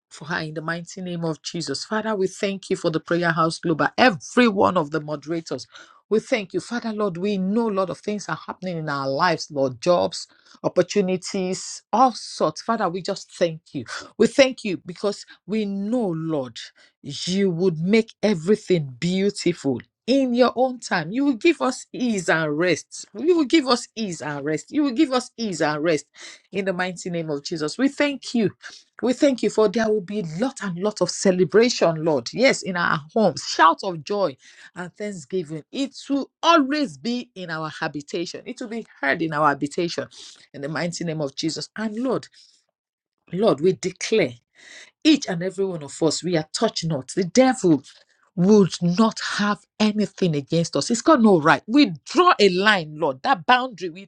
S2: for her in the mighty name of Jesus. Father, we thank you for the Prayer House Global, every one of the moderators. We thank you, Father Lord. We know a lot of things are happening in our lives, Lord, jobs, opportunities, all sorts. Father, we just thank you. We thank you because we know, Lord, you would make everything beautiful in your own time. You will give us ease and rest. You will give us ease and rest. You will give us ease and rest in the mighty name of Jesus. We thank you we thank you for there will be lot and lot of celebration, Lord. Yes, in our homes, shout of joy and thanksgiving. It will always be in our habitation. It will be heard in our habitation in the mighty name of Jesus. And Lord, Lord, we declare each and every one of us, we are touch not. The devil would not have anything against us. It's got no right. We draw a line, Lord. That boundary, we,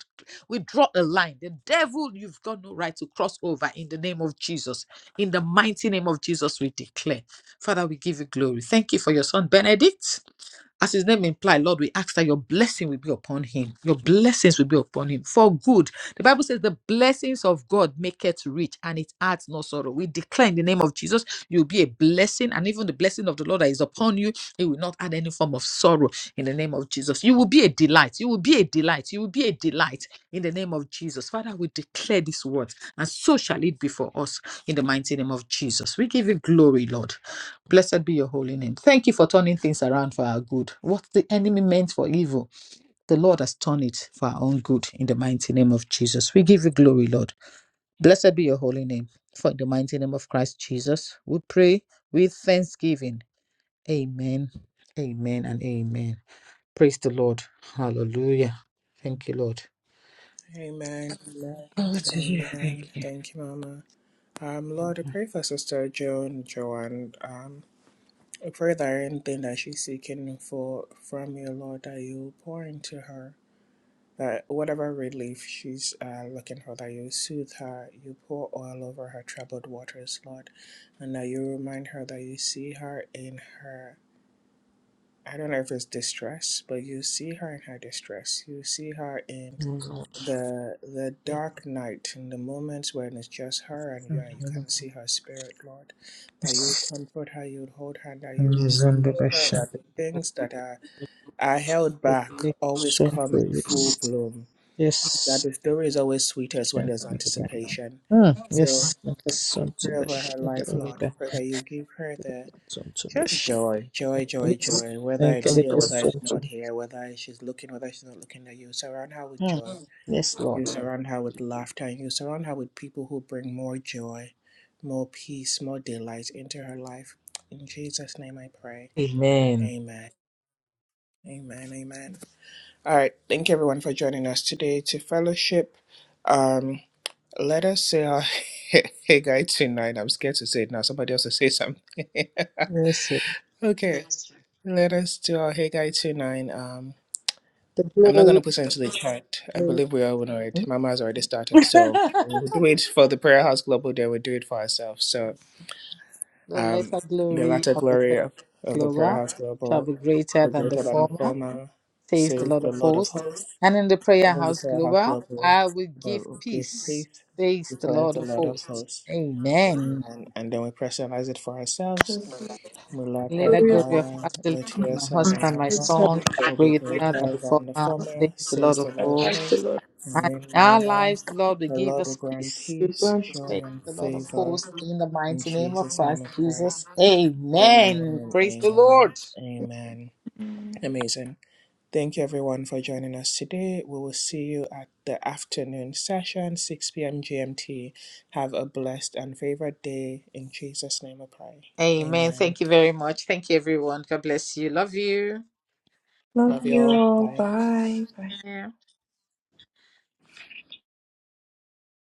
S2: we draw a line. The devil, you've got no right to cross over in the name of Jesus. In the mighty name of Jesus, we declare. Father, we give you glory. Thank you for your son, Benedict. As his name implies, Lord, we ask that your blessing will be upon him. Your blessings will be upon him for good. The Bible says the blessings of God make it rich and it adds no sorrow. We declare in the name of Jesus, you'll be a blessing, and even the blessing of the Lord that is upon you, it will not add any form of sorrow in the name of Jesus. You will be a delight. You will be a delight. You will be a delight in the name of Jesus. Father, we declare this word, and so shall it be for us in the mighty name of Jesus. We give you glory, Lord. Blessed be your holy name. Thank you for turning things around for our good. What the enemy meant for evil, the Lord has turned it for our own good in the mighty name of Jesus. We give you glory, Lord. Blessed be your holy name. For in the mighty name of Christ Jesus, we pray with thanksgiving. Amen. Amen and amen. Praise the Lord. Hallelujah. Thank you, Lord.
S1: Amen. Amen.
S2: Glory to you.
S1: Amen.
S2: Thank you.
S1: Thank you, Mama. Um, Lord, I pray for Sister Joan, Joanne. Um, Pray that anything that she's seeking for from you, Lord, that you pour into her, that whatever relief she's uh, looking for, that you soothe her, you pour oil over her troubled waters, Lord, and that you remind her that you see her in her. I don't know if it's distress, but you see her in her distress. You see her in
S2: Oh, Lord.
S1: the the dark night in the moments when it's just her and you
S2: Thank
S1: and you
S2: you.
S1: can see her spirit lord that you
S2: Yes.
S1: comfort her you hold her that you show her that the things that are are held back always
S2: Strength
S1: come
S2: for
S1: in
S2: you.
S1: full bloom that
S2: Yes.
S1: the story is always sweetest when
S2: Yeah,
S1: there's
S2: okay.
S1: anticipation
S2: Ah,
S1: so
S2: yes, yes.
S1: we
S2: Son to
S1: pray over
S2: Bisch.
S1: her life lord we pray that you give her the
S2: son to zu
S1: just
S2: Bisch.
S1: joy, joy, joy,
S2: Yes,
S1: joy. Whether
S2: danke
S1: it's here,
S2: Yes,
S1: whether it's
S2: schön zu
S1: not here, whether she's looking, whether she's not looking at you, surround her with
S2: mm.
S1: joy
S2: Yes,
S1: you
S2: Lord.
S1: surround her with laughter and you surround her with people who bring more joy, more peace, more delight into her life. In Jesus' name I pray.
S2: Amen.
S1: Amen. Amen. Amen. All right. Thank you everyone for joining us today to fellowship. Um, let us say our hey guy tonight. I'm scared to say it now. Somebody else will say something.
S2: Yes, Lord.
S1: okay. Let us do our hey guy tonight. Um,
S2: the
S1: I'm not going to
S2: glory,
S1: put it into the chat. I
S2: glory.
S1: believe we are on it.
S2: Hmm?
S1: Mama has already started. So we'll do it for the Prayer House Global, then we'll do it for ourselves. So
S2: the
S1: um,
S2: latter
S1: the
S2: glory
S1: latter
S2: of the
S1: glory
S2: present
S1: of, of the Prayer
S2: glory
S1: House
S2: shall
S1: Global,
S2: be greater
S1: the
S2: than the
S1: greater than the
S2: former,
S1: former,
S2: says the
S1: says
S2: Lord
S1: the
S2: of
S1: Lord of
S2: hosts.
S1: hosts.
S2: And in the
S1: In
S2: prayer
S1: the
S2: house
S1: Prayer House
S2: global,
S1: Global,
S2: I will give
S1: the great
S2: peace,
S1: priest
S2: says the
S1: declares
S2: Lord
S1: the
S2: of
S1: Lord of
S2: hosts.
S1: hosts.
S2: Amen.
S1: Amen. And then we personalize it for ourselves. Mulat
S2: Let the
S3: Glory
S2: glory
S3: of
S2: of
S1: Haggai,
S2: Magdalene,
S1: which
S2: my
S1: hears
S2: husband, my
S1: Shabbat
S2: son,
S1: will be
S2: greater than
S1: greater
S2: the
S1: than the
S2: former,
S1: former,
S2: says the Lord
S1: says the
S2: of
S1: Lord of
S2: hosts.
S1: hosts.
S2: And
S1: Amen,
S2: in
S1: my
S2: our
S1: Lord.
S2: lives, Lord, will
S1: The
S2: give
S1: Lord will
S2: us
S1: grant
S2: peace.
S1: peace, joy,
S2: Says
S1: and
S2: the Lord of
S1: favor.
S2: hosts, in the
S1: In
S2: mighty name of
S1: Jesus' name
S2: Christ
S1: I pray.
S2: Jesus. Amen.
S1: Amen,
S2: Praise the
S1: amen,
S2: Lord.
S1: amen. Amazing. Thank you everyone for joining us today. We will see you at the afternoon session, 6 p.m. GMT. Have a blessed and favored day. In Jesus' name I pray.
S2: Amen.
S1: Amen.
S2: Thank you very much. Thank you, everyone. God bless you. Love you.
S3: Love
S1: Love you
S3: you
S1: all.
S3: all.
S1: Bye.
S3: Bye.
S2: Yeah.